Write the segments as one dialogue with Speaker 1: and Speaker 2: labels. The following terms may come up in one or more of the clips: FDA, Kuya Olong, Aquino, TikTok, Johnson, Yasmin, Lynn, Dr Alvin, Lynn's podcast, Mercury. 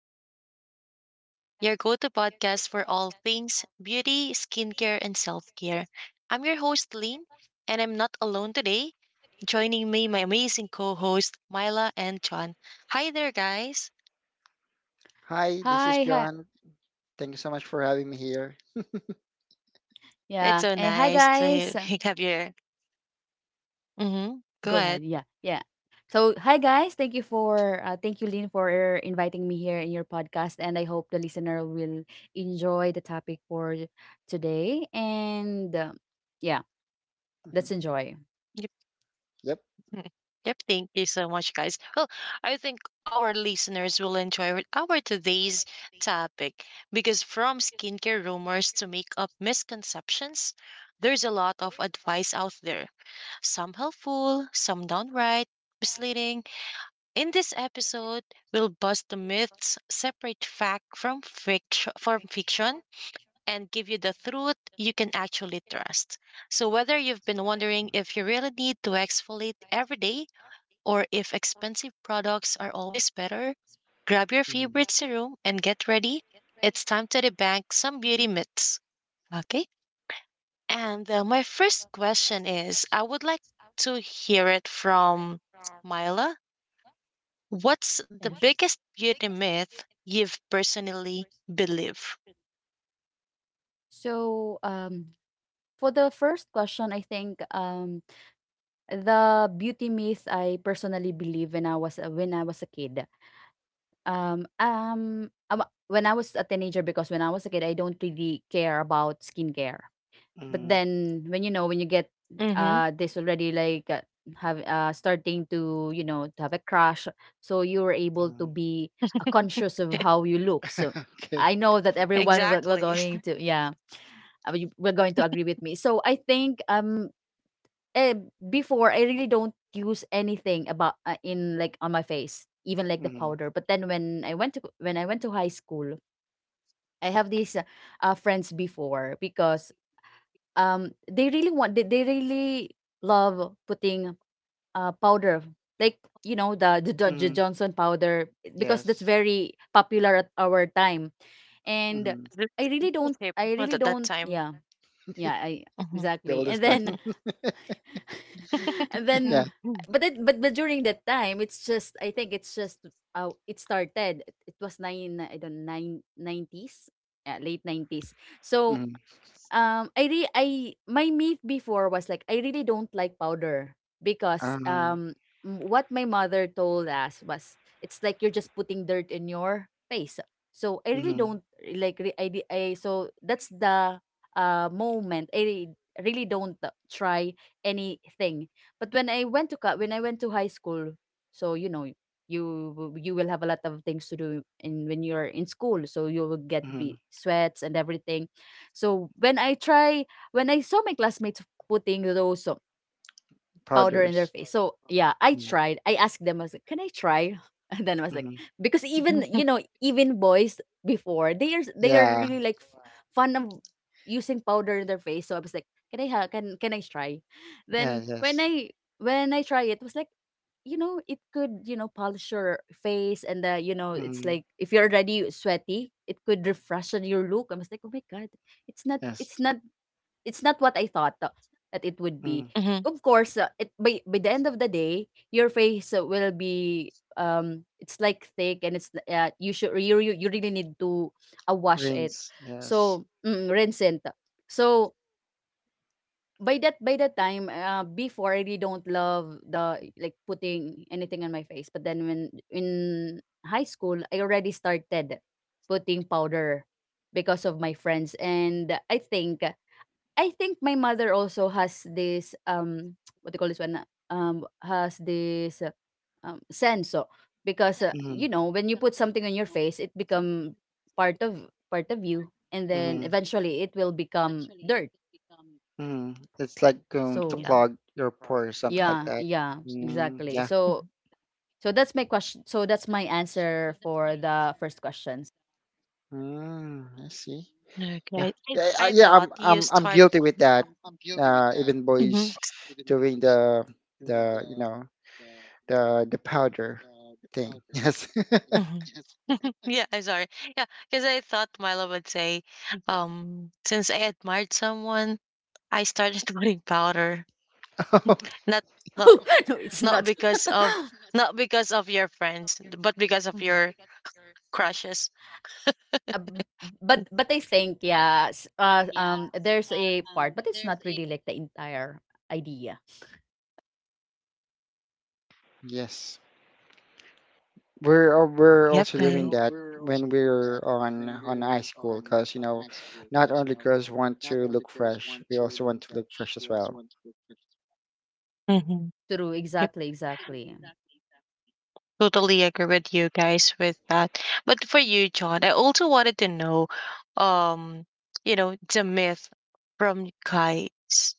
Speaker 1: to Lynn's podcast, your go to podcast for all things beauty, skincare, and self care. I'm your host, Lynn, and I'm not alone today. Joining me, my amazing co host, Myla and John. Hi there, guys.
Speaker 2: Hi, this is
Speaker 3: Hi, hi.
Speaker 2: John. Thank you so much for having me here.
Speaker 1: It's
Speaker 3: Yeah.
Speaker 1: so
Speaker 3: And hi
Speaker 1: nice
Speaker 3: guys.
Speaker 1: to have you. Mm-hmm. Go
Speaker 3: Go ahead.
Speaker 1: ahead.
Speaker 3: Yeah. Yeah. So, hi guys. Thank you for thank you Lynn for inviting me here in your podcast, and I hope the listener will enjoy the topic for today and yeah, let's
Speaker 2: Mhm.
Speaker 3: enjoy.
Speaker 2: Yep.
Speaker 1: Mm. Yep, thank you so much, guys. Well, I think our listeners will enjoy with our today's topic because from skincare rumors to makeup misconceptions, there's a lot of advice out there. Some helpful, some downright misleading. In this episode, we'll bust the myths, separate fact from fiction, and give you the truth you can actually trust. So, whether you've been wondering if you really need to exfoliate every day or if expensive products are always better, grab your
Speaker 2: Mm-hmm.
Speaker 1: favorite serum and get ready. It's time to debunk some beauty myths. Okay. And my first question is I would like to hear it from Myla. What's the
Speaker 3: Yes.
Speaker 1: biggest beauty myth you've personally believed?
Speaker 3: So for the first question, I think the beauty myth I personally believe when I was a kid. Um, um, um, when I was a teenager, because when I was a kid, I don't really care about skincare. But
Speaker 2: hmm
Speaker 3: then when you know, when you get
Speaker 1: Mm-hmm.
Speaker 3: this already like have starting to you know to have a crush, so you were able to
Speaker 2: hmm
Speaker 3: be conscious of how you look. So
Speaker 2: Okay.
Speaker 3: I know that everyone will
Speaker 1: Exactly.
Speaker 3: going to yeah, will going to agree with me. So I think uh, before I really don't use anything about in like on my face, even like the
Speaker 2: hmm
Speaker 3: powder. But then when I went to high school, I have these friends before because they really want they really love putting powder, like you know the
Speaker 2: hmm
Speaker 3: Johnson powder, because that's
Speaker 2: Yes.
Speaker 3: very popular at our time, and
Speaker 2: hmm
Speaker 1: This
Speaker 3: I really don't
Speaker 1: shape at that time.
Speaker 3: yeah yeah I
Speaker 1: Mm-hmm.
Speaker 2: The
Speaker 3: exactly and
Speaker 2: oldest time.
Speaker 3: then and then
Speaker 2: Yeah.
Speaker 3: but but during that time it's just I think it's just it started it was nine I don't nine nineties, yeah, late 90s so
Speaker 2: hmm
Speaker 3: I re I my myth before was like I really don't like powder because
Speaker 2: Uh,
Speaker 3: what my mother told us was it's like you're just putting dirt in your face. So I really
Speaker 2: hmm
Speaker 3: don't like re- I, di- I so that's the moment I really don't try anything. But when I went to high school, so you know you will have a lot of things to do in when you're in school, so you will get be
Speaker 2: hmm
Speaker 3: sweats and everything. So when I try, when I saw my classmates putting those powder in their
Speaker 2: Powders.
Speaker 3: face, so yeah, I
Speaker 2: Hmm
Speaker 3: tried. I asked them, I was like, "Can I try?" And then I was like,
Speaker 2: hmm
Speaker 3: because even
Speaker 1: Mhm.
Speaker 3: you know, even boys before they are
Speaker 2: Yeah.
Speaker 3: really like fun of using powder in their face. So I was like, "Can I can I try?"
Speaker 2: Yeah.
Speaker 3: Then when
Speaker 2: Yes.
Speaker 3: I try it, it was like, you know, it could, you know, polish your face and you know it's
Speaker 2: hmm
Speaker 3: like if you're already sweaty it could refreshen your look. I was like, oh my god, it's not
Speaker 2: Yes.
Speaker 3: it's not it's not what I thought that it would be.
Speaker 2: hmm
Speaker 3: Of course, it by the end of the day, your face will be it's like thick and it's you should you you really need to wash it.
Speaker 2: Rinse. Yes.
Speaker 3: So, rinse it. So by that time, before I really don't love the like putting anything on my face. But then when in high school, I already started putting powder because of my friends. And I think my mother also has this what do you call this one, has this sense. Oh, because
Speaker 1: Mhm.
Speaker 2: hmm
Speaker 3: you know, when you put something on your face it become part of part of you, and then
Speaker 2: hmm
Speaker 3: eventually it will become dirt.
Speaker 2: hmm It's like going
Speaker 1: Oh,
Speaker 2: to
Speaker 3: So
Speaker 1: yeah.
Speaker 2: clog your pores, something
Speaker 3: yeah,
Speaker 2: like that.
Speaker 3: yeah,
Speaker 2: Mm,
Speaker 3: exactly.
Speaker 2: yeah.
Speaker 3: So
Speaker 1: Mhm.
Speaker 3: so that's my question, so that's my answer for the first questions.
Speaker 2: Mm, I see. Yeah,
Speaker 1: Okay. I,
Speaker 2: yeah,
Speaker 1: I
Speaker 2: yeah. I'm
Speaker 1: thought
Speaker 2: I'm
Speaker 1: you
Speaker 2: I'm
Speaker 1: start.
Speaker 2: guilty with that. Even
Speaker 1: Mhm.
Speaker 2: boys doing the you know the powder thing. Yes,
Speaker 1: Mhm. Yeah, I'm sorry. Yeah, because I thought Milo would say, since I admired someone, I started putting powder. Not not
Speaker 3: Oh, no, it's
Speaker 1: not
Speaker 3: not.
Speaker 1: because of not because of your friends, but because of your crushes.
Speaker 3: uh, b- but I think yeah, there's a part, but it's not really like the entire idea.
Speaker 2: yes. We're
Speaker 1: Yep.
Speaker 2: also
Speaker 1: I.
Speaker 2: doing that when we're on high school because you know, not only girls want to look fresh, we also want to look fresh as well.
Speaker 1: Hmm.
Speaker 3: True,
Speaker 1: Yep.
Speaker 3: exactly, exactly.
Speaker 1: Totally agree with you guys with that. But for you, John, I also wanted to know, um, you know, the myth from guys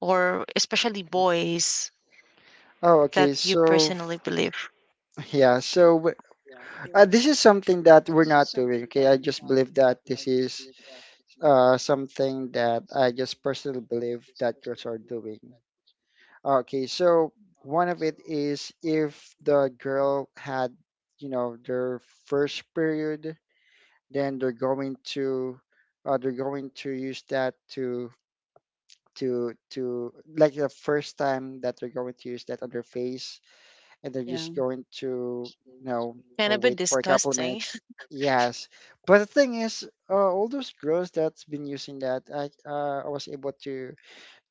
Speaker 1: or especially boys
Speaker 2: Oh, okay.
Speaker 1: that you
Speaker 2: So
Speaker 1: personally believe.
Speaker 2: yeah, this is something that we're not doing. Okay, I just believe that this is something that I just personally believe that girls are doing. Okay, so one of it is if the girl had, you know, their first period, then they're going to use that to like the first time that they're going to use that on their face, and they're just
Speaker 3: Yeah.
Speaker 2: going to, you know,
Speaker 1: Kind of a bit
Speaker 2: wait for a couple of
Speaker 1: disgusting.
Speaker 2: minutes, yes, but the thing is, all those girls that's been using that, I was able to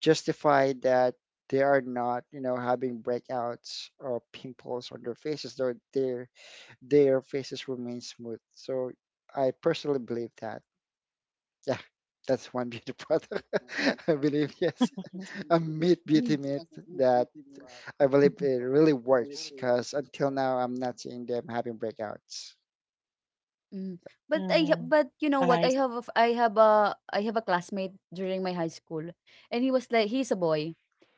Speaker 2: justify that they are not, you know, having breakouts or pimples on their faces, though their faces remain smooth. So I personally believe that, yeah, that's one beauty product, I believe, yes, a meat beauty myth that I believe it really works because until now I'm not seeing them having breakouts.
Speaker 3: Mm. But I but you know what? I have a I have a classmate during my high school, and he was like he's a boy,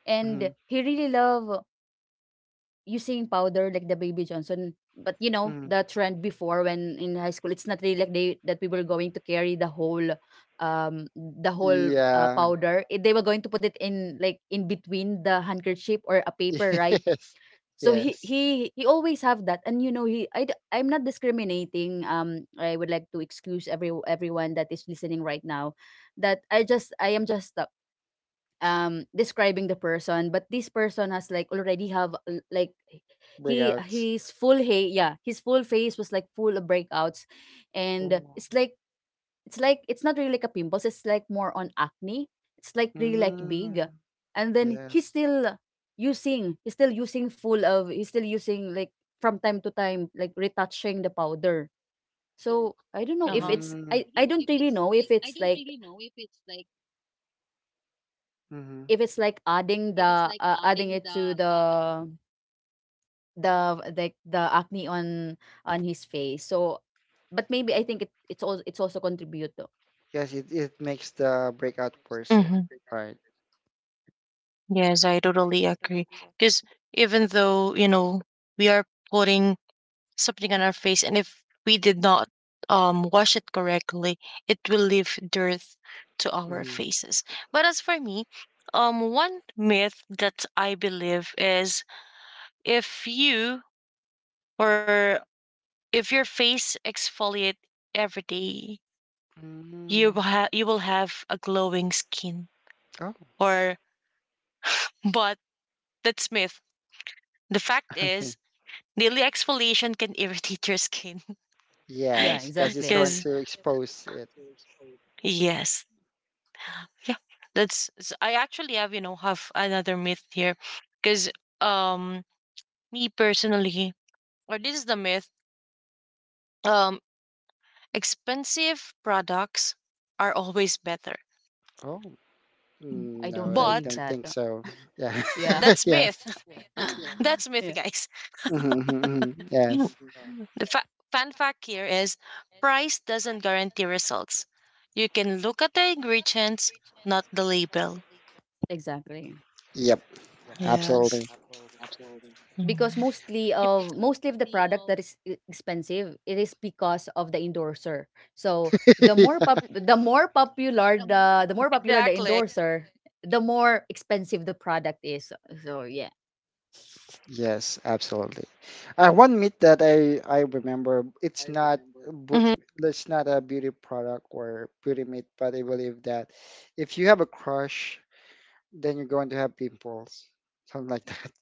Speaker 3: and
Speaker 2: Hmm
Speaker 3: he really love using powder like the baby Johnson. But you know
Speaker 2: hmm
Speaker 3: the trend before when in high school, it's not really like they that we were going to carry the whole um
Speaker 2: Yeah.
Speaker 3: powder. Eh, they were going to put it in like in between the handkerchief or a paper, right?
Speaker 2: Yes.
Speaker 3: So he
Speaker 2: Yes.
Speaker 3: he he always have that. And you know he I'm not discriminating. I would like to excuse every everyone that is listening right now, that i am just describing the person. But this person has like already have like he
Speaker 2: Breakouts.
Speaker 3: his full hey yeah his full face was like full of breakouts. And it's
Speaker 2: Oh.
Speaker 3: like it's not really like a pimples, it's like more on acne, it's like really like big.
Speaker 2: Mm.
Speaker 3: And then
Speaker 2: Yes.
Speaker 3: he's still using like, from time to time, like retouching the powder. So I don't know
Speaker 1: Uh
Speaker 3: if
Speaker 1: huh.
Speaker 3: it's
Speaker 2: Mm.
Speaker 3: I don't really know if it's like
Speaker 2: hmm
Speaker 3: adding the adding it to the acne on his face. So but maybe I think it's also contribute to.
Speaker 2: Yes, it makes the breakout
Speaker 1: Hmm.
Speaker 2: person.
Speaker 3: Yes,
Speaker 2: Right.
Speaker 1: Yes, I totally agree. Because
Speaker 3: believe.
Speaker 1: even though, you know, we are putting something on our face and if we did not wash it correctly, it will leave dirt to our
Speaker 2: hmm
Speaker 1: faces. But as for me, one myth that I believe is if you or if your face exfoliate every day,
Speaker 2: mm
Speaker 1: you will have a glowing skin
Speaker 2: Oh.
Speaker 1: or but that's myth. The fact
Speaker 2: Okay.
Speaker 1: is daily exfoliation can irritate your skin.
Speaker 3: Yeah, yeah,
Speaker 2: Yes, because it's
Speaker 3: exactly.
Speaker 2: going
Speaker 1: Because
Speaker 2: to expose it.
Speaker 1: yes. Yeah, I actually have, you know, have another myth here because um me personally, or this is the myth, um expensive products are always better.
Speaker 2: Oh. Mm,
Speaker 3: I don't
Speaker 2: no, I
Speaker 3: believe
Speaker 1: But
Speaker 2: don't
Speaker 3: that.
Speaker 2: think so. Yeah.
Speaker 3: Yeah.
Speaker 1: that's
Speaker 2: Yeah.
Speaker 1: myth. That's myth,
Speaker 3: Yeah,
Speaker 1: guys.
Speaker 2: Mm-hmm, yes.
Speaker 1: The fun fact here is price doesn't guarantee results. You can look at the ingredients, not the label.
Speaker 3: exactly.
Speaker 2: Yep.
Speaker 1: Yes.
Speaker 2: Absolutely.
Speaker 3: Because
Speaker 1: Mhm.
Speaker 3: mostly
Speaker 1: Yep.
Speaker 3: of the product that is expensive, it is because of the endorser. So the more pop the more popular the
Speaker 1: Exactly.
Speaker 3: endorser, the more expensive the product is. So yeah,
Speaker 2: Yes, absolutely. One myth that I remember,
Speaker 1: Mhm.
Speaker 2: it's not a beauty product or beauty myth, but I believe that if you have a crush, then you're going to have pimples, something like that.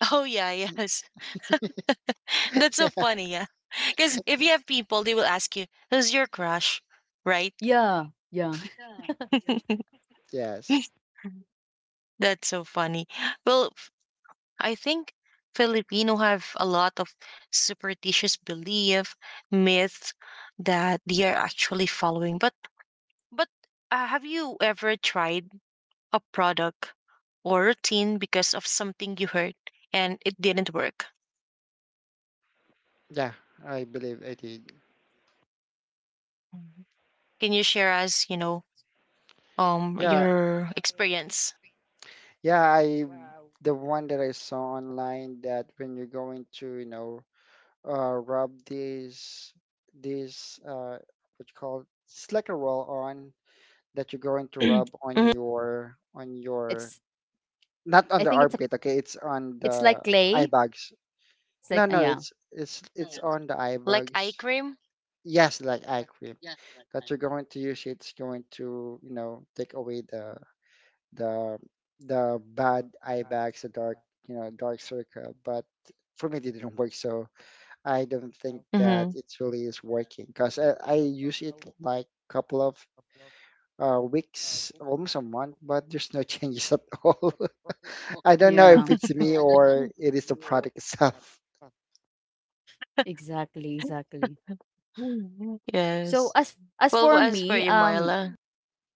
Speaker 1: Oh yeah, yes. That's so
Speaker 2: Yeah.
Speaker 1: funny, yeah. Because if you have people, they will ask you, "Who's your crush?" Right?
Speaker 3: yeah, yeah,
Speaker 2: Yes.
Speaker 1: That's so funny. Well, I think Filipino have a lot of superstitious belief, myths that they are actually following. But but have you ever tried a product or routine because of something you heard and it didn't work?
Speaker 2: Yeah, I believe I did.
Speaker 1: Mhm. Can you share us, you know,
Speaker 2: Yeah,
Speaker 1: your experience?
Speaker 2: yeah, I the one that I saw online that when you're going to, you know, rub this this what you call it? It's like a roll on that you're going to rub on
Speaker 1: Mhm.
Speaker 2: your
Speaker 3: it's
Speaker 2: not on
Speaker 3: I
Speaker 2: the
Speaker 3: think it's a,
Speaker 2: armpit. Okay, it's on
Speaker 3: it's
Speaker 2: the
Speaker 3: like
Speaker 2: eye
Speaker 3: clay,
Speaker 2: bags.
Speaker 3: it's like
Speaker 2: No no
Speaker 3: yeah
Speaker 2: it's it's on the eye
Speaker 1: Like eye
Speaker 2: bags.
Speaker 1: cream?
Speaker 2: Yes, like eye cream that you're going to use. It's going to, you know, take away the the bad eye bags, the dark, you know, dark circle. But for me it didn't work, so I don't think that
Speaker 1: Mm-hmm.
Speaker 2: it really is working because I use it like couple of weeks, almost a month, but there's no changes at all. I don't know
Speaker 3: yeah.
Speaker 2: if it's me or it is the product itself.
Speaker 3: Exactly, exactly.
Speaker 1: Mm,
Speaker 3: So
Speaker 1: yes.
Speaker 3: as as
Speaker 1: Well,
Speaker 3: for
Speaker 1: as for
Speaker 3: me,
Speaker 1: you,
Speaker 3: um,
Speaker 1: Myla.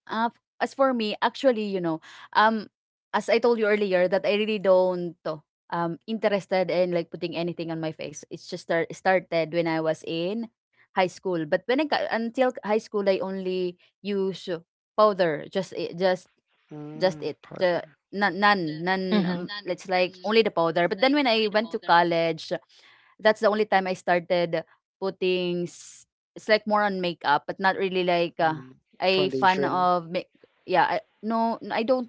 Speaker 3: As for me, actually, you know, um, as I told you earlier, that I really don't interested in like putting anything on my face. It's just started when I was in high school. But when I got, until high school, I only use powder, just I- just
Speaker 2: Mm,
Speaker 3: it the
Speaker 2: powder.
Speaker 3: none
Speaker 1: Mm-hmm.
Speaker 3: it's like only the powder. But then when I went to college, that's the only time I started putting it's like more on makeup, but not really like
Speaker 2: Mm,
Speaker 3: I fan
Speaker 2: foundation.
Speaker 3: of make yeah no I don't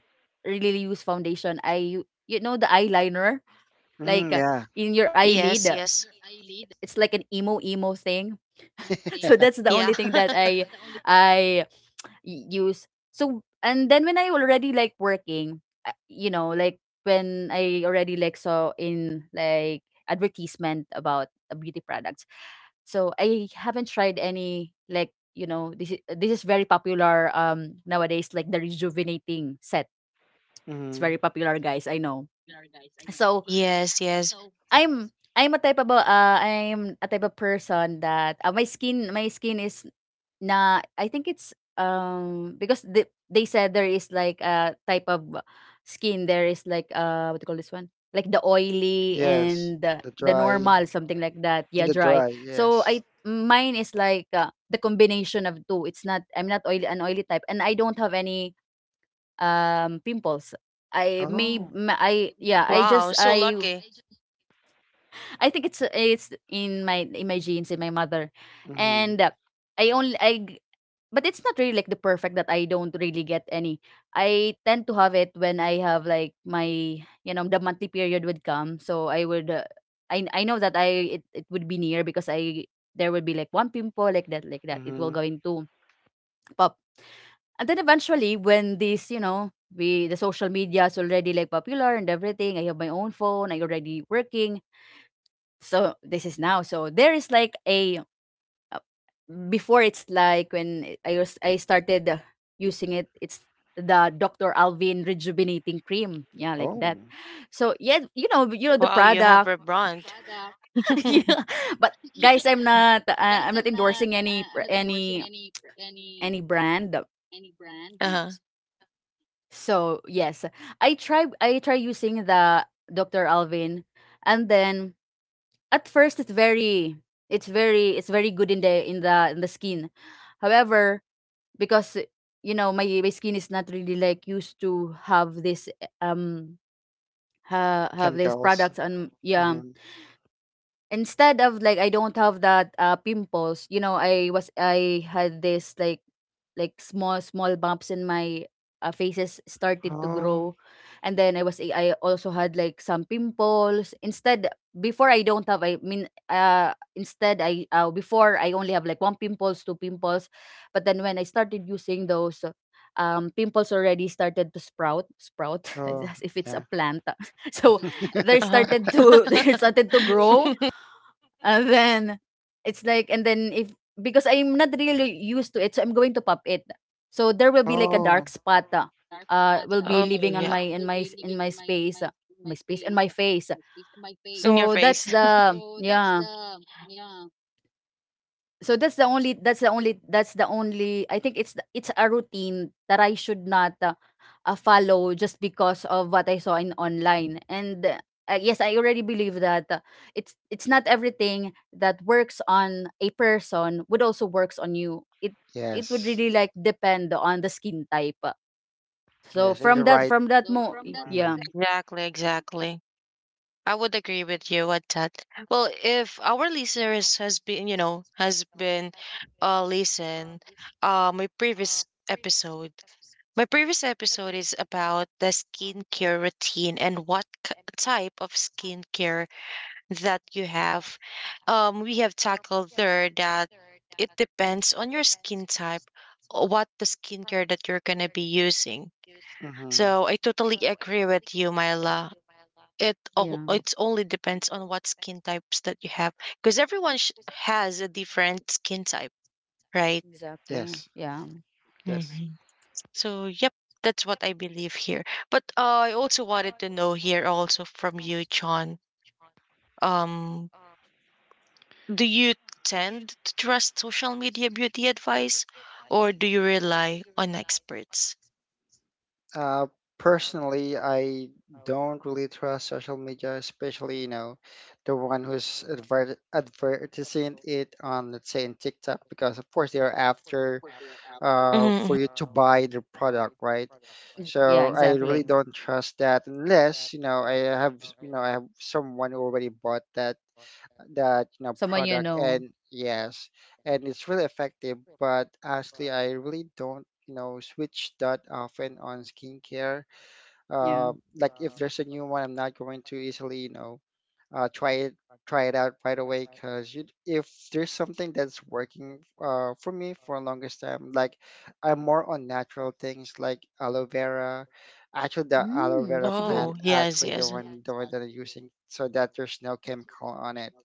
Speaker 3: really use foundation. I you know, the eyeliner, like
Speaker 2: Mm, yeah.
Speaker 3: in your eyelid,
Speaker 1: Yes, yes.
Speaker 3: it's like an emo emo thing. So that's the
Speaker 1: Yeah.
Speaker 3: only thing that I I y- use. So and then when I already like working, you know, like when I already like saw in like advertisement about beauty products. So I haven't tried any like, you know, this is very popular nowadays, like the rejuvenating set. It's very
Speaker 2: Mm,
Speaker 3: popular guys, I know. So
Speaker 1: Yes, yes.
Speaker 3: I'm I'm a type of a, I'm a type of person that my skin is na I think it's because they said there is like a type of skin, there is like what do you call this one, like the oily
Speaker 2: yes.
Speaker 3: and
Speaker 2: The
Speaker 3: the
Speaker 2: dry.
Speaker 3: normal, something like that,
Speaker 2: In
Speaker 3: yeah,
Speaker 2: the
Speaker 3: dry.
Speaker 2: dry,
Speaker 3: So I
Speaker 2: yes.
Speaker 3: mine is like the combination of two. It's not, I'm not oily, an oily type, and I don't have any pimples. I may
Speaker 2: Oh.
Speaker 3: ma- I yeah I
Speaker 1: Wow,
Speaker 3: just
Speaker 1: so lucky.
Speaker 3: I think it's in my genes, in my mother.
Speaker 2: Mm-hmm.
Speaker 3: And I only I, g- but it's not really like the perfect that I don't really get any. I tend to have it when I have like my, the monthly period would come. So I would I know that I it, it would be near because I there would be like one pimple like that, like that it will
Speaker 2: Mm-hmm.
Speaker 3: going to pop. And then eventually when this we the social media is already like popular and everything, I have my own phone, I already working. So this is now, so there is like a uh, before. It's like when I started using it. It's the Dr. Alvin rejuvenating cream, yeah, like that.
Speaker 2: Oh.
Speaker 3: So yeah, you know the
Speaker 1: Wow, you have
Speaker 3: product.
Speaker 1: a brand.
Speaker 3: Yeah. But guys, I'm not endorsing any pr- any brand.
Speaker 1: Uh-huh.
Speaker 3: So yes, I try using the Dr. Alvin. And then at first, it's very it's very good in the in the skin. However, because you know, my skin is not really like used to have this um have these
Speaker 2: Chemicals.
Speaker 3: products on, yeah.
Speaker 2: Mm-hmm.
Speaker 3: Instead of like I don't have that pimples, you know, I had this like small small bumps in my faces started to
Speaker 2: Oh.
Speaker 3: grow. And then I was I also had like some pimples instead. Before I don't have I mean instead, I before I only have like one pimples, two pimples. But then when I started using those pimples already started to sprout sprout
Speaker 2: Oh.
Speaker 3: as if it's a
Speaker 2: Yeah.
Speaker 3: plant. So they
Speaker 1: Uh-huh.
Speaker 3: started to they started to grow. And then it's like, and then if, because I'm not really used to it, so I'm going to pop it. So there will be like a
Speaker 2: Oh.
Speaker 3: dark spot, will be
Speaker 1: Oh,
Speaker 3: living on
Speaker 1: yeah.
Speaker 3: my in my space and my face.
Speaker 1: In your
Speaker 3: So that's
Speaker 1: face.
Speaker 3: the, yeah. So that's the only that's the only, I think it's it's a routine that I should not follow, just because of what I saw in online. And yes, I already believe that it's not everything that works on a person would also works on you. It would
Speaker 2: Yes.
Speaker 3: really like depend on the skin type. So
Speaker 2: Yes. In the right.
Speaker 3: from that mo,
Speaker 2: Mm,
Speaker 3: yeah.
Speaker 1: Exactly, exactly. I would agree with you at that. Well, if our listeners has been, you know, has been listen my previous episode. My previous episode is about the skincare routine and what type of skincare that you have. We have tackled there
Speaker 2: mm-hmm.
Speaker 3: Yeah, exactly,
Speaker 2: Yes.
Speaker 3: yeah.
Speaker 2: Yes. Uh, personally, I don't really trust social media, especially, you know, the one who's advertising it on, let's say, in TikTok, because of course they are after, for you to buy their product, right? So
Speaker 3: Yeah,
Speaker 2: I really
Speaker 3: exactly.
Speaker 2: don't trust that unless, you know, I have, you know, I have someone who already bought that that, you know,
Speaker 3: Someone you
Speaker 2: product,
Speaker 3: know.
Speaker 2: and yes, and it's really effective. But actually I really don't, you know, switch that often on skincare, uh,
Speaker 3: Yeah.
Speaker 2: like if there's a new one, I'm not going to easily, you know, try it, try it out right away, because you, if there's something that's working, for me for a longest time, like I'm more on natural things like aloe vera. Actually the aloe
Speaker 3: Mm,
Speaker 2: vera
Speaker 3: that's good.
Speaker 2: plant, actually the one that I'm using, so that there's no chemical on it.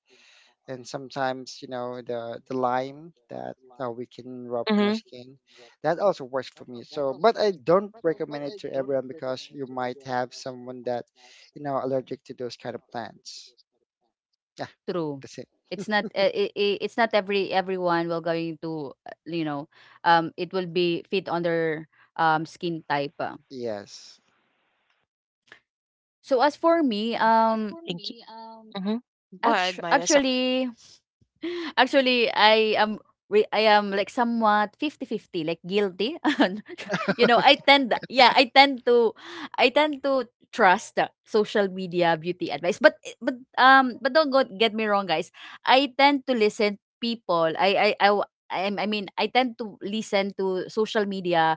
Speaker 2: And sometimes, you know, the lime that, we can rub on our skin, that also works for me. So but I don't recommend it to everyone because you might have someone that, you know, allergic to those kind of plants. Yeah,
Speaker 3: True.
Speaker 2: that's it.
Speaker 3: It's not it's not everyone will going to you know, it will be fit on their skin type.
Speaker 2: Yes.
Speaker 3: So as for me, actually, actually, I am I am like somewhat fifty-fifty, like guilty. You know, I tend yeah, I tend to trust social media beauty advice. But but don't get me wrong, guys. I tend to listen people. I mean, I tend to listen to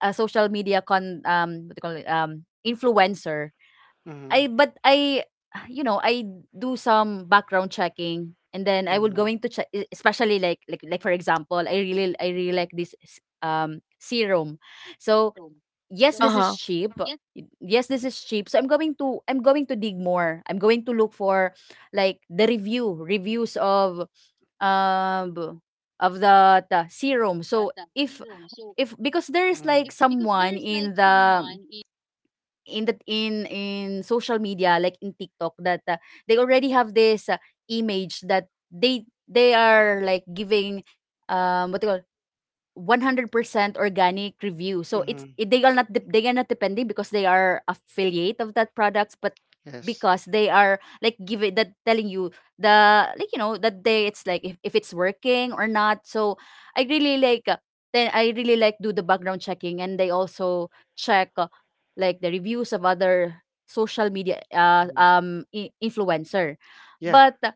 Speaker 3: social media con what do you call it, influencer.
Speaker 2: Mm-hmm.
Speaker 3: I but I I do some background checking. And then I would
Speaker 2: Mm-hmm.
Speaker 3: going to check, especially like for example, I really like this serum. So yes, this is cheap. Yes, this is cheap. So I'm going to dig more. I'm going to look for like the reviews um of the serum. So if because there is like
Speaker 2: Mm-hmm.
Speaker 3: someone in the in social media like in TikTok that they already have this image that they they are like giving what do you call, 100% organic review. So it's
Speaker 2: Mm-hmm.
Speaker 3: they are not dep- they are not depending because they are affiliate of that products. But
Speaker 2: Yes.
Speaker 3: because they are like giving that telling you the like that day, it's like if it's working or not. So I really like then I really like do the background checking. And they also check like the reviews of other social media
Speaker 2: hmm
Speaker 3: influencer.
Speaker 2: Yeah.
Speaker 3: But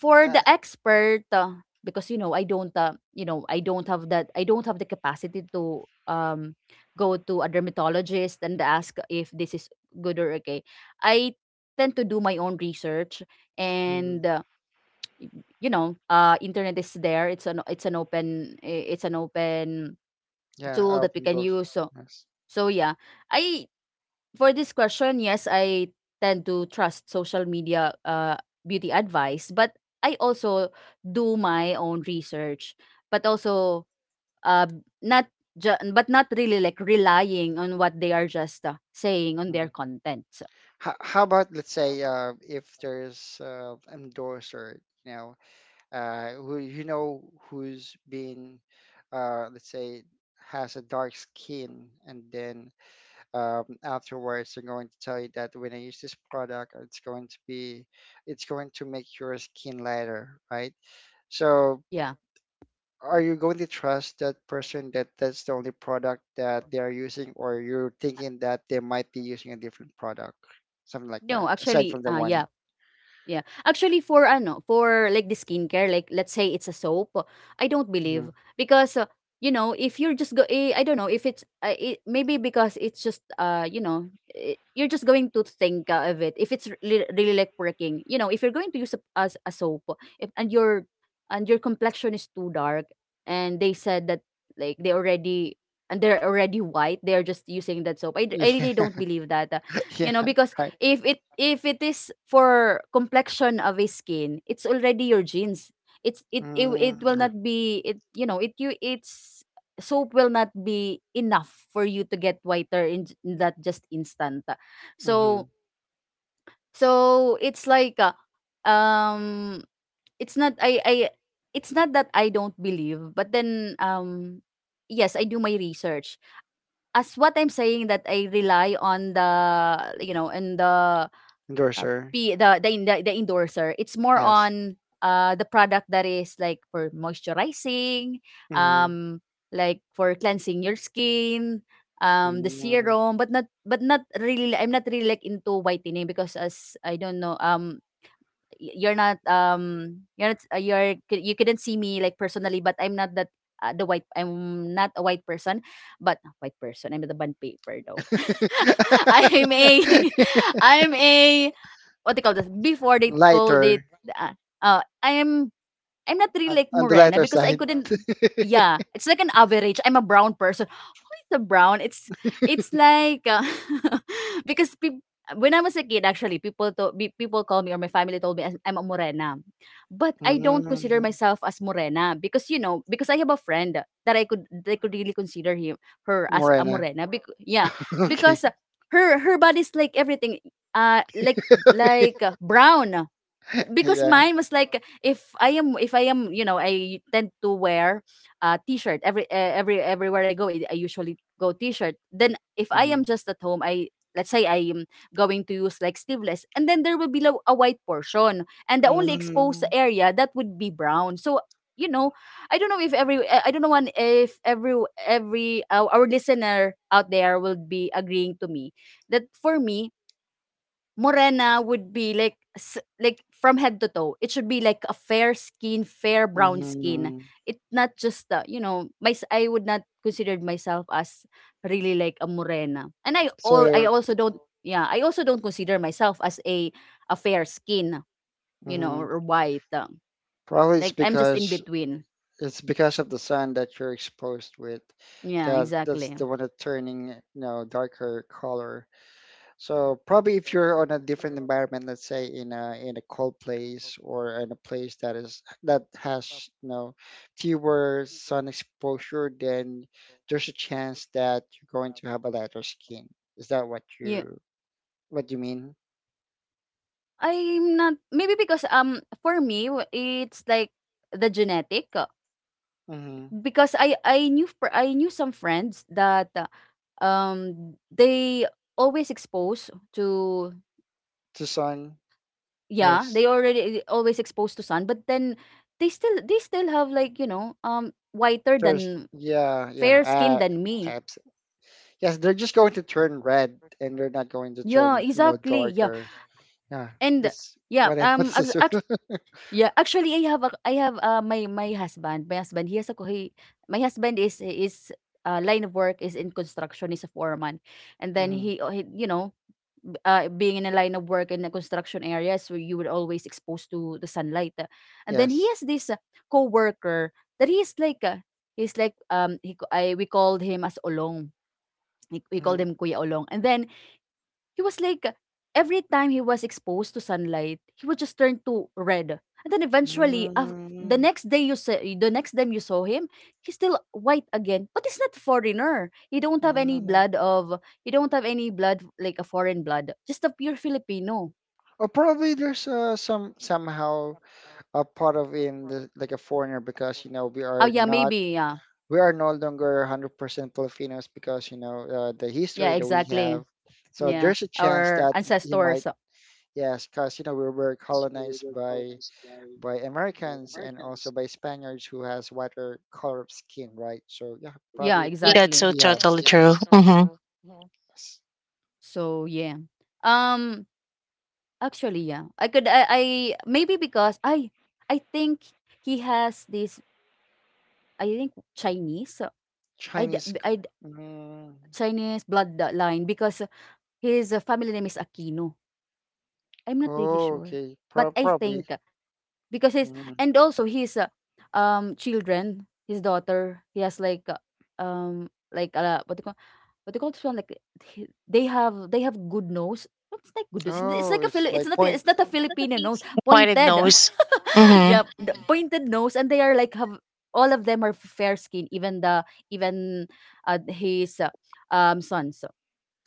Speaker 3: for
Speaker 2: uh,
Speaker 3: the expert because you know, I don't have that, I don't have the capacity to um go to a dermatologist and ask if this is good or okay. I tend to do my own research.
Speaker 2: mhm.
Speaker 3: And you know, internet is there. It's an it's an open
Speaker 2: Yeah, I
Speaker 3: tool that we
Speaker 2: open
Speaker 3: can
Speaker 2: books.
Speaker 3: use. So
Speaker 2: Yes.
Speaker 3: yeah. I for this question, yes, I tend to trust social media beauty advice, but I also do my own research, but also, uh, not but not really like relying on what they are just saying on
Speaker 2: Mhm.
Speaker 3: their content. So,
Speaker 2: How about let's say, if there's, endorser, you know, who you know who's been, let's say, has a dark skin, and then, afterwards they're going to tell you that when I use this product it's going to be, it's going to make your skin lighter, right?
Speaker 4: Yes.
Speaker 2: So
Speaker 4: Hmm.
Speaker 3: yeah.
Speaker 2: are you going to trust that person that that's the only product that they are using, or you're thinking that they might be using a different product, something like that
Speaker 3: No,
Speaker 2: aside
Speaker 3: actually,
Speaker 2: from the
Speaker 3: yeah.
Speaker 2: one.
Speaker 3: Yeah. Actually for for like the skincare, like let's say it's a soap, I don't believe.
Speaker 2: Mhm.
Speaker 3: Because you know, if you're just I don't know, if it's maybe because it's just you know, you're just going to think of it if it's really, really like working. You know, if you're going to use as a soap if, and your complexion is too dark. And they said that, like they already and they're already white, they're just using that soap. I really don't believe that.
Speaker 2: Yeah,
Speaker 3: You know,
Speaker 2: yeah,
Speaker 3: because
Speaker 2: right.
Speaker 3: if it is for complexion of a skin, it's already your genes. It's it
Speaker 4: Yes,
Speaker 3: it, it
Speaker 2: Mm,
Speaker 4: yes,
Speaker 3: will
Speaker 2: yeah.
Speaker 3: not
Speaker 4: that's
Speaker 3: be
Speaker 4: correct.
Speaker 3: it, you know, it you it's. Soap will not be enough for you to get whiter in, in that just instant.
Speaker 2: Mm-hmm.
Speaker 3: So it's like, um it's not, I I it's not that I don't believe. But then, yes, I do my research, as what I'm saying, that I rely on the, you know, and the
Speaker 2: Endorser.
Speaker 3: The endorser. It's more
Speaker 2: Yes.
Speaker 3: on the product that is like for moisturizing,
Speaker 2: Mm-hmm.
Speaker 3: um
Speaker 4: Okay, I
Speaker 3: like
Speaker 4: see.
Speaker 3: for cleansing your skin, the serum. But not I'm not really like into whitening, because as I don't know, you're not you couldn't see me like personally, but I'm not that the white I'm not a white person, but white person, I'm the bun paper though. I'm a I'm a, what they call this before, they called it
Speaker 2: Lighter.
Speaker 3: uh, uh i am I'm not really
Speaker 2: on,
Speaker 3: like
Speaker 2: on the
Speaker 3: morena
Speaker 2: lighter
Speaker 3: because I
Speaker 2: side.
Speaker 3: couldn't. Yeah, it's like an average. I'm a brown person. Who is a brown? It's like, because when I was a kid, actually, people call me, or my family told me as, I'm a morena, but I don't consider
Speaker 2: mm
Speaker 3: myself as morena, because you know, because I have a friend that I could, they could really consider him her as a
Speaker 2: Morena.
Speaker 3: morena. Yeah,
Speaker 2: Okay.
Speaker 3: because her body's like everything, like brown. Because
Speaker 2: Yeah.
Speaker 3: mine was like, if I am, if I am, you know, I tend to wear a t-shirt every every, everywhere I go, I usually go t-shirt. Then if I am
Speaker 2: hmm
Speaker 3: just at home, I, let's say I am going to use like sleeveless, and then there will be a white portion, and the only exposed area that would be brown. So you know, I don't know if every I don't know one, if every our listener out there will be agreeing to me, that for me, Morena would be like, like from head to toe. It should be like a fair skin, fair brown skin.
Speaker 2: Mm-hmm.
Speaker 3: It's not just the, you
Speaker 4: Mhm.
Speaker 3: know, my I would not consider
Speaker 4: I
Speaker 3: myself as
Speaker 4: agree.
Speaker 3: really like a morena. And I all, I
Speaker 2: So
Speaker 3: also don't, yeah, I also don't consider myself as a fair skin, you know,
Speaker 2: hmm
Speaker 3: or white.
Speaker 2: probably
Speaker 3: Like I'm just in between.
Speaker 2: it's because of the sun that you're exposed with.
Speaker 3: Yeah,
Speaker 2: That that's
Speaker 3: exactly.
Speaker 2: the one that's turning, you know, darker color. So probably if you're on a different environment, let's say in a cold place or in a place that is that has, you know, fewer sun exposure, then there's a chance that you're going to have a lighter skin. Is that what
Speaker 3: Yeah.
Speaker 2: you mean?
Speaker 3: I'm not, maybe because for me, it's like the genetic.
Speaker 2: Mm-hmm.
Speaker 3: Because I knew I knew some friends that um they always exposed to,
Speaker 2: To sun,
Speaker 3: yeah,
Speaker 2: yes.
Speaker 3: they already always exposed to sun, but then they still have like, you know, whiter
Speaker 2: First,
Speaker 3: than
Speaker 2: yeah, yeah.
Speaker 3: fair skin than me.
Speaker 2: Abs- yes, they're just going to turn red, and they're not going to
Speaker 3: Yeah,
Speaker 2: turn, you know,
Speaker 3: exactly, yeah.
Speaker 2: darker. Yeah,
Speaker 3: And
Speaker 2: that's
Speaker 3: yeah,
Speaker 2: what I noticed as well.
Speaker 3: yeah, actually I have a, I have my husband, he has a he, my husband is, line of work is in construction, is a foreman. And then
Speaker 2: hmm
Speaker 3: he, you know, being in a line of work in the construction areas, so you were always exposed to the sunlight. And then he
Speaker 2: Yes.
Speaker 3: has this coworker that he's like, he's like, we called him as Olong. We called
Speaker 2: Mm-hmm.
Speaker 3: him Kuya Olong. And then he was like, every time he was exposed to sunlight, he would just turn to red. And then eventually, the
Speaker 2: Mm,
Speaker 3: next day you the next time you saw him, he's still white again. But he's not foreigner.
Speaker 2: mm.
Speaker 3: He don't have any blood like a foreign blood. Just a pure Filipino.
Speaker 2: Or probably there's, some somehow a part of in the like a foreigner, because you know we
Speaker 3: Oh
Speaker 2: are
Speaker 3: yeah,
Speaker 2: not,
Speaker 3: maybe, yeah,
Speaker 2: we are no longer 100% Filipinos because you know, the
Speaker 3: yeah
Speaker 2: history that we
Speaker 3: exactly.
Speaker 2: have. So
Speaker 3: Yeah,
Speaker 2: there's a chance
Speaker 3: our
Speaker 2: that y- you might,
Speaker 3: ancestors.
Speaker 2: yes,
Speaker 5: Source.
Speaker 2: because you know we were
Speaker 5: Yes, because we
Speaker 2: colonized
Speaker 5: were
Speaker 2: by
Speaker 5: colonized
Speaker 2: by
Speaker 5: by
Speaker 2: Americans and also
Speaker 5: Americans
Speaker 2: by
Speaker 5: and
Speaker 2: Spaniards, who has whiter color of skin, right? So yeah,
Speaker 3: Yeah,
Speaker 2: probably
Speaker 5: yeah. That's
Speaker 3: exactly.
Speaker 5: so
Speaker 2: he
Speaker 5: totally
Speaker 2: has
Speaker 5: true. Yes. Mm-hmm.
Speaker 2: s-
Speaker 3: So yeah. Um, Actually, yeah. I, maybe because I think he has this I think Chinese, I d-
Speaker 2: Chinese.
Speaker 3: b- I d-
Speaker 2: Mm,
Speaker 3: Chinese bloodline, because his family name is Aquino. I'm not really
Speaker 2: oh,
Speaker 3: sure.
Speaker 2: okay.
Speaker 3: But
Speaker 2: Pro
Speaker 3: I think
Speaker 2: probably.
Speaker 3: because his,
Speaker 2: Mm.
Speaker 3: and also his, children, his daughter. He has like, like, what do you call, what do you call this one, like they have, they have good nose. What's like good nose? It's
Speaker 2: Oh,
Speaker 3: like a
Speaker 2: it's
Speaker 3: It's
Speaker 2: like
Speaker 3: not,
Speaker 2: point.
Speaker 3: it's not a Filipino nose.
Speaker 5: Pointed
Speaker 3: Pointed.
Speaker 5: nose. Mm-hmm.
Speaker 3: Yep, the hmm pointed nose, and they are like have all of them are fair skin, even the even, his, son. So,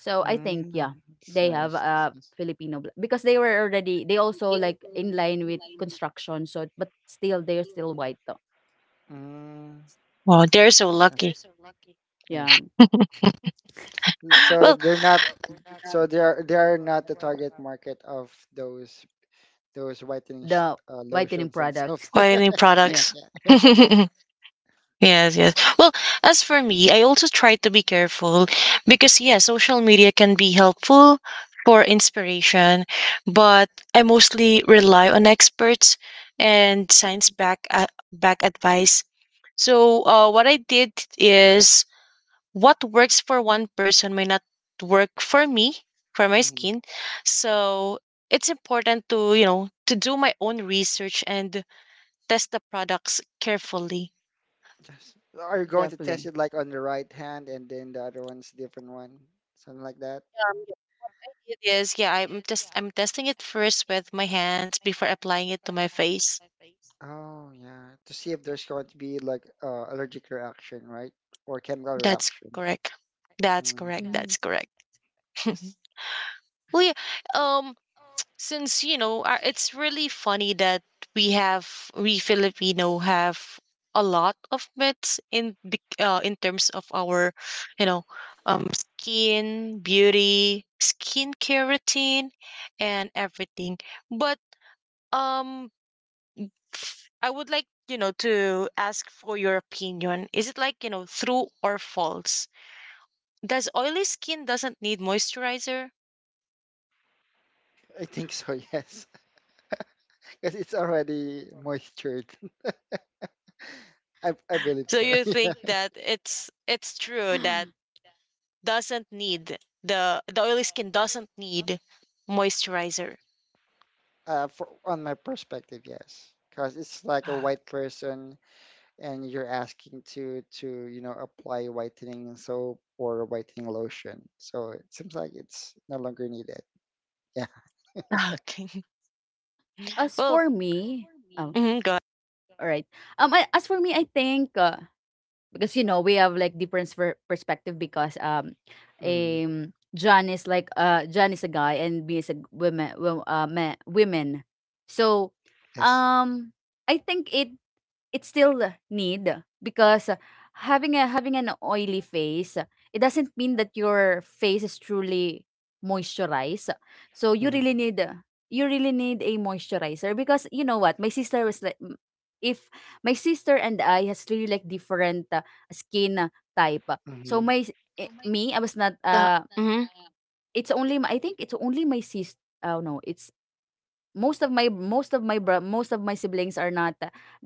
Speaker 3: so I think yeah,
Speaker 2: Mm. It's
Speaker 3: they have
Speaker 2: nice. It's nice.
Speaker 3: Filipino blood, because they were already, they also like in line with construction. So, but still they're still white though.
Speaker 2: Mm.
Speaker 5: Wow, they're so
Speaker 2: that's-
Speaker 5: lucky.
Speaker 2: Yeah.
Speaker 3: Yeah,
Speaker 5: Well,
Speaker 2: So they're not. So they are. They are not the target market of those
Speaker 3: the whitening
Speaker 2: lotions and
Speaker 3: product.
Speaker 2: soaps.
Speaker 5: pointing
Speaker 3: Yeah,
Speaker 5: products.
Speaker 2: Yeah. Yes.
Speaker 5: Yes, yes. Well, as for me, I also try to be careful because, yeah, social media can be helpful for inspiration, but I mostly rely on experts and science back back advice. So, what I did is what works for one person may not work for me, for my
Speaker 2: hmm
Speaker 5: skin. So, it's important to, you know, to do my own research and test the products carefully.
Speaker 2: Yes. Are you going to
Speaker 3: exactly.
Speaker 2: test it like on the right hand and then the other one's different one, something like that?
Speaker 5: It is, yeah, I'm just I'm testing it first with my hands before applying it to my face.
Speaker 2: Oh, yeah. To see if there's going to be like, allergic reaction, right? Or chemical
Speaker 5: That's
Speaker 2: reaction.
Speaker 5: correct. That's
Speaker 2: Mm,
Speaker 5: correct.
Speaker 3: Mm.
Speaker 5: That's correct. Well,
Speaker 2: yes.
Speaker 5: yeah. Um, since you know, it's really funny that we Filipino have a lot of myths in be in terms of our, you know, skin, beauty, skincare routine, and everything. But um I would like, you know, to ask for your opinion. Is it like, you know, true or false? Does oily skin doesn't need moisturizer?
Speaker 2: I think so, yes. Because it's already moistured. I believe
Speaker 5: So
Speaker 2: so.
Speaker 5: you think that it's true that doesn't need the oily skin doesn't need moisturizer.
Speaker 2: For, on my perspective, yes. Because it's like a
Speaker 5: Ah,
Speaker 2: white person and you're asking to, you know, apply whitening soap or whitening lotion. So it seems like it's no longer needed. Yeah.
Speaker 5: okay.
Speaker 3: As
Speaker 5: Well,
Speaker 3: for me, um,
Speaker 5: go ahead.
Speaker 3: all right. As for me, I think because you know we have like different perspective because um
Speaker 2: hmm
Speaker 3: um John is like John is a guy and me is a women men, women, so
Speaker 2: Yes.
Speaker 3: um I think it's still need because having an oily face, it doesn't mean that your face is truly moisturized, so
Speaker 2: hmm
Speaker 3: you really need a moisturizer because you know what. My sister was like m-. If my sister and I has really like different skin type, so
Speaker 2: hmm
Speaker 3: me I was not
Speaker 5: No.
Speaker 3: uh,
Speaker 5: hmm
Speaker 3: it's only my, I think it's only my sister. Oh no, it's most of my siblings are not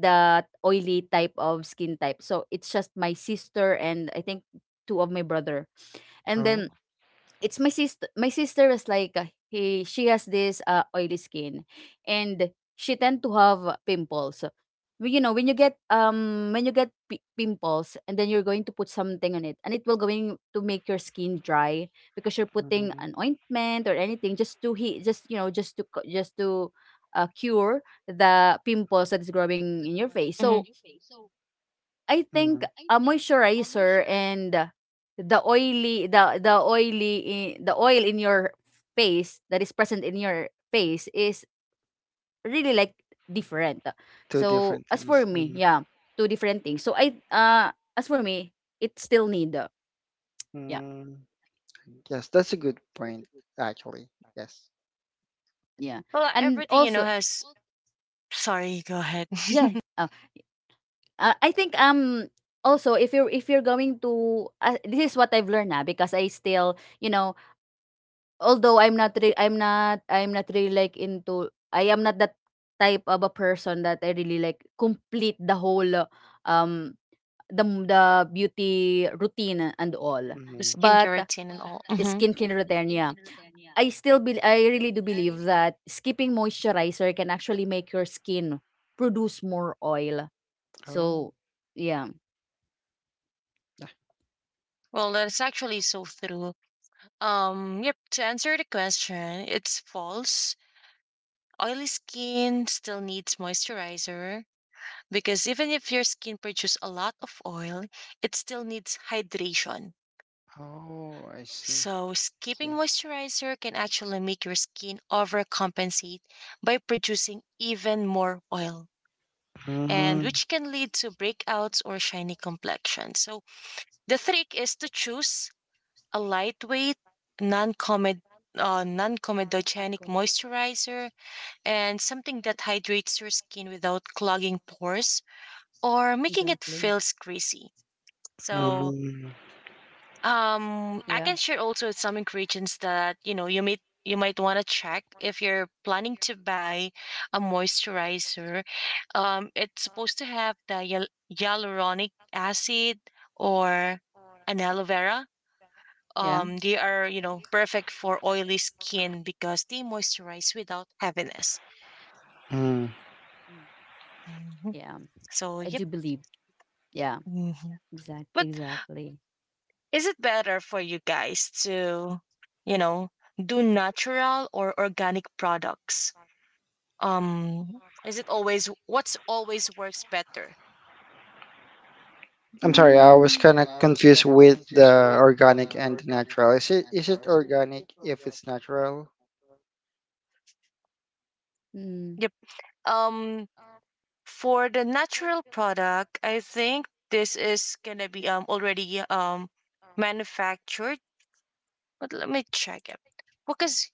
Speaker 3: the oily type of skin type. So it's just my sister and I think two of my brother. And
Speaker 2: Oh.
Speaker 3: then it's my sister was like he she has this oily skin, and she tend to have pimples. Well, you know when you get pimples, and then you're going to put something on it, and it will going to make your skin dry because you're putting
Speaker 2: Mm-hmm.
Speaker 3: an ointment or anything just to heat just you know, just to cure the pimples that is growing in your face.
Speaker 5: hmm
Speaker 3: So I think
Speaker 2: Mm-hmm.
Speaker 3: a moisturizer and the oily the oily the oil in your face, that is present in your face is really like different.
Speaker 2: Two
Speaker 3: So
Speaker 2: different
Speaker 3: as for
Speaker 2: things.
Speaker 3: me,
Speaker 2: Mhm.
Speaker 3: yeah, two different things. So I as for me, it's still need. Yeah,
Speaker 2: mm
Speaker 1: that
Speaker 2: Yes, that's a
Speaker 1: it
Speaker 2: good
Speaker 1: depends
Speaker 2: point,
Speaker 1: on your skin
Speaker 2: actually.
Speaker 1: type,
Speaker 2: Yes.
Speaker 1: what the skincare
Speaker 3: yeah.
Speaker 1: that you're
Speaker 5: Well,
Speaker 1: going to
Speaker 3: And
Speaker 1: be
Speaker 5: everything you
Speaker 3: also,
Speaker 5: know
Speaker 1: using.
Speaker 5: has.
Speaker 1: So I
Speaker 5: Sorry, go
Speaker 1: totally
Speaker 5: ahead.
Speaker 1: agree
Speaker 3: yeah.
Speaker 1: with you,
Speaker 3: Uh,
Speaker 1: Myla, it
Speaker 3: I think
Speaker 1: all it's only
Speaker 3: also
Speaker 1: depends on what
Speaker 3: if you're
Speaker 1: skin
Speaker 3: going
Speaker 1: types that you
Speaker 3: to
Speaker 1: have because
Speaker 3: this is what
Speaker 1: everyone
Speaker 3: I've learned now because
Speaker 1: has
Speaker 3: I
Speaker 1: a
Speaker 3: still,
Speaker 1: different
Speaker 3: you
Speaker 1: skin
Speaker 3: know,
Speaker 1: type, right?
Speaker 3: although I'm not
Speaker 1: Hmm.
Speaker 3: really like into,
Speaker 1: So
Speaker 3: I
Speaker 1: yep,
Speaker 3: am not that
Speaker 1: that's what I
Speaker 3: type
Speaker 1: believe
Speaker 3: of a
Speaker 1: here.
Speaker 3: person
Speaker 1: But
Speaker 3: that I
Speaker 1: I
Speaker 3: really like
Speaker 1: also wanted to
Speaker 3: complete
Speaker 1: know
Speaker 3: the
Speaker 1: here
Speaker 3: whole
Speaker 1: also from you
Speaker 3: um
Speaker 1: John,
Speaker 3: the
Speaker 1: um
Speaker 3: beauty routine and all.
Speaker 1: do
Speaker 5: The
Speaker 2: hmm
Speaker 1: you
Speaker 5: skincare
Speaker 3: But
Speaker 5: routine and
Speaker 1: tend
Speaker 5: all.
Speaker 1: to trust
Speaker 3: skincare
Speaker 1: social
Speaker 3: routine,
Speaker 1: media
Speaker 3: yeah.
Speaker 1: beauty
Speaker 3: I
Speaker 1: advice
Speaker 3: still be
Speaker 1: or
Speaker 3: I
Speaker 1: do you
Speaker 3: really do believe
Speaker 1: rely
Speaker 3: that
Speaker 1: on
Speaker 3: skipping
Speaker 1: experts?
Speaker 3: moisturizer can actually make your skin produce more oil.
Speaker 2: Oh,
Speaker 3: So yeah.
Speaker 2: yeah.
Speaker 5: Well, that's actually so true. Yep, to answer the question, it's
Speaker 1: Mhm, mhm.
Speaker 5: false. Oily skin still needs moisturizer because even if your skin produces a lot of oil, it still needs hydration.
Speaker 2: Oh, I see.
Speaker 5: So,
Speaker 2: See.
Speaker 5: skipping moisturizer can actually make your skin overcompensate by producing even more oil, and
Speaker 2: Mm
Speaker 5: which can lead to breakouts or shiny complexion. So, the trick is to choose a lightweight, non-comed,
Speaker 3: Not
Speaker 5: non-comedogenic
Speaker 3: good.
Speaker 5: moisturizer, and something that hydrates your skin without clogging
Speaker 1: Oh
Speaker 5: pores
Speaker 1: yes, yes.
Speaker 5: or making it
Speaker 3: Exactly.
Speaker 5: feels greasy. So
Speaker 2: mm
Speaker 5: I
Speaker 3: Yeah,
Speaker 5: can share also some ingredients that you know you may
Speaker 1: Mhm.
Speaker 5: you might want to check if you're planning to buy a moisturizer. It's supposed to have the hyaluronic acid or an aloe vera,
Speaker 3: yeah,
Speaker 5: they are, you know, perfect for oily skin because they moisturize without heaviness.
Speaker 2: Hmm.
Speaker 3: mm,
Speaker 5: Mhm.
Speaker 3: yeah.
Speaker 5: So,
Speaker 3: I
Speaker 5: yep.
Speaker 3: do believe.
Speaker 1: Mhm.
Speaker 3: Yeah,
Speaker 5: hmm
Speaker 1: Mhm.
Speaker 3: exact,
Speaker 5: But
Speaker 1: Go ahead,
Speaker 3: exactly.
Speaker 1: Myra. Sorry.
Speaker 5: is it better for you guys to, you know, do natural or organic products? Is it always what's always works better?
Speaker 2: I'm sorry, I was
Speaker 3: Mm.
Speaker 2: kind of confused with the organic and the natural. Is it, is it
Speaker 3: Natural.
Speaker 2: organic if it's natural?
Speaker 3: Mm,
Speaker 5: Yep. Um, for the natural product, I think this is gonna be already manufactured. But let me check it because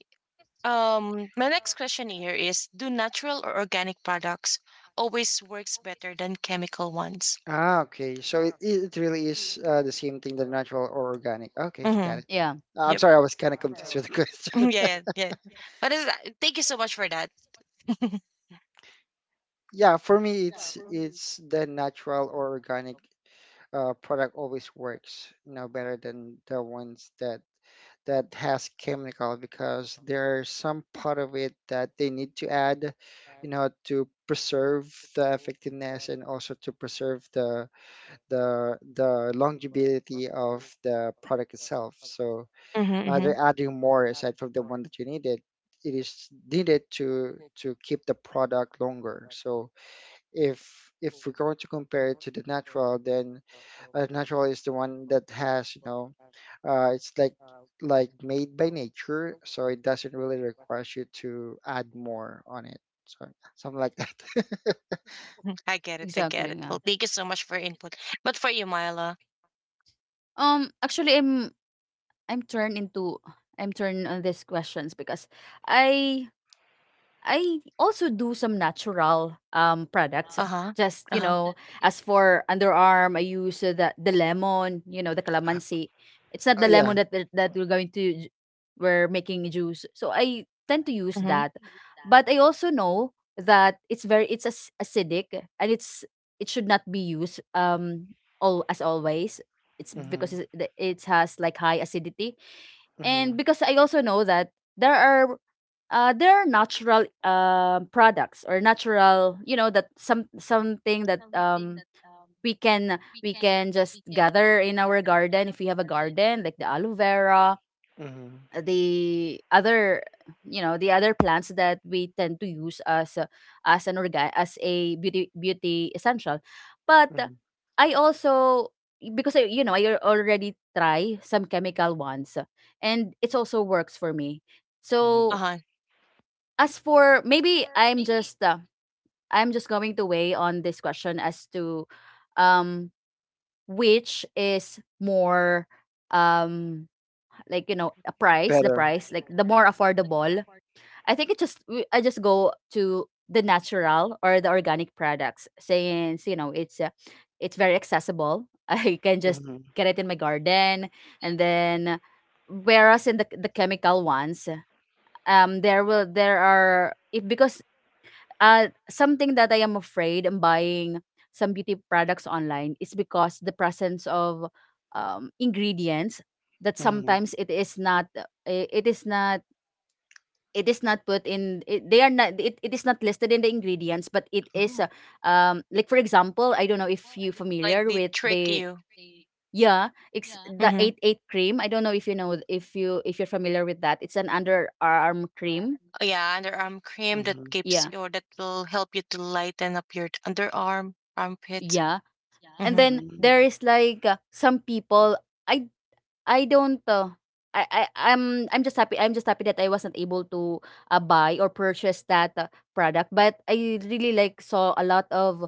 Speaker 5: My next question here is: do natural or organic products always works better than chemical ones?
Speaker 2: Ah, okay. So it really is, the same thing, the natural or organic. Okay,
Speaker 5: Mm-hmm.
Speaker 2: got it.
Speaker 3: yeah,
Speaker 2: I'm
Speaker 5: Yep.
Speaker 2: sorry, I was kind of confused with the
Speaker 5: Yeah,
Speaker 2: question.
Speaker 5: yeah, yeah. But is that? Thank you so much for that.
Speaker 2: Yeah, for me, it's the natural or organic, product always works, you know, better than the ones that that has chemical, because there's some part of it that they need to add, you know, to preserve the effectiveness, and also to preserve the longevity of the product itself. So,
Speaker 5: Mm-hmm. hmm
Speaker 2: they're adding more aside from the one that you needed. It is needed to keep the product longer. So if we're going to compare it to the natural, then, natural is the one that has, you know, it's like made by nature, so it doesn't really require you to add more on it. So something like that.
Speaker 5: I get it. I get
Speaker 3: exactly.
Speaker 5: it.
Speaker 3: Yeah.
Speaker 5: Well, thank you so much for your input. But for you, Myla,
Speaker 3: Actually, I'm turned into I'm turned on these questions because I I also do some natural products.
Speaker 5: uh huh,
Speaker 3: Just
Speaker 5: uh
Speaker 3: you
Speaker 5: huh,
Speaker 3: know, as for underarm, I use the lemon. You know, the calamansi. It's not
Speaker 2: Oh
Speaker 3: the lemon
Speaker 2: yeah.
Speaker 3: that we're going to we're making juice. So I tend to use
Speaker 5: mm-hmm,
Speaker 3: that, but I also know that it's as acidic, and it's it should not be used all as always. It's because
Speaker 2: Mm-hmm.
Speaker 3: it's- it has like high acidity,
Speaker 2: Mm-hmm.
Speaker 3: and because I also know that there are there are natural products or natural, you know, that something that we can we can just gather in our garden if we have a garden, like the aloe vera,
Speaker 2: Mm-hmm.
Speaker 3: the other, you know, the other plants that we tend to use as a, as an organ as a beauty beauty essential. But
Speaker 2: Mm-hmm.
Speaker 3: I also because I, you know, I already try some chemical ones, and it also works for me,
Speaker 2: hmm
Speaker 5: uh
Speaker 3: so
Speaker 5: huh.
Speaker 3: as for, maybe I'm just going to weigh on this question as to um which is more um like, you know, a price the
Speaker 2: Better.
Speaker 3: price, like the more affordable. I think it just I just go to the natural or the organic products since, you know, it's very accessible. I can just
Speaker 2: Mm-hmm.
Speaker 3: get it in my garden, and then, whereas in the chemical ones, there are if, because something that I am afraid in buying some beauty products online is because the presence of ingredients that
Speaker 2: Mm-hmm.
Speaker 3: sometimes it is not, it is not put in it, they are not it is not listed in the ingredients, but it is
Speaker 2: Oh.
Speaker 3: like, for example, I don't know if you
Speaker 5: Like
Speaker 3: familiar
Speaker 5: they
Speaker 3: with
Speaker 5: trick
Speaker 3: the,
Speaker 5: you.
Speaker 3: yeah, it's the
Speaker 5: Mm-hmm.
Speaker 3: eight eight cream. I don't know if you know, if you if you're familiar with that. It's an underarm cream.
Speaker 5: Yeah, underarm cream that
Speaker 2: Mm-hmm.
Speaker 5: keeps
Speaker 3: Yeah,
Speaker 5: or that will help you to lighten up your underarm, armpit.
Speaker 3: yeah. And
Speaker 5: Mm-hmm.
Speaker 3: then
Speaker 2: Mm-hmm.
Speaker 3: there is like some people. I I don't I, I'm just happy, that I wasn't able to buy or purchase that product. But I really like saw a lot of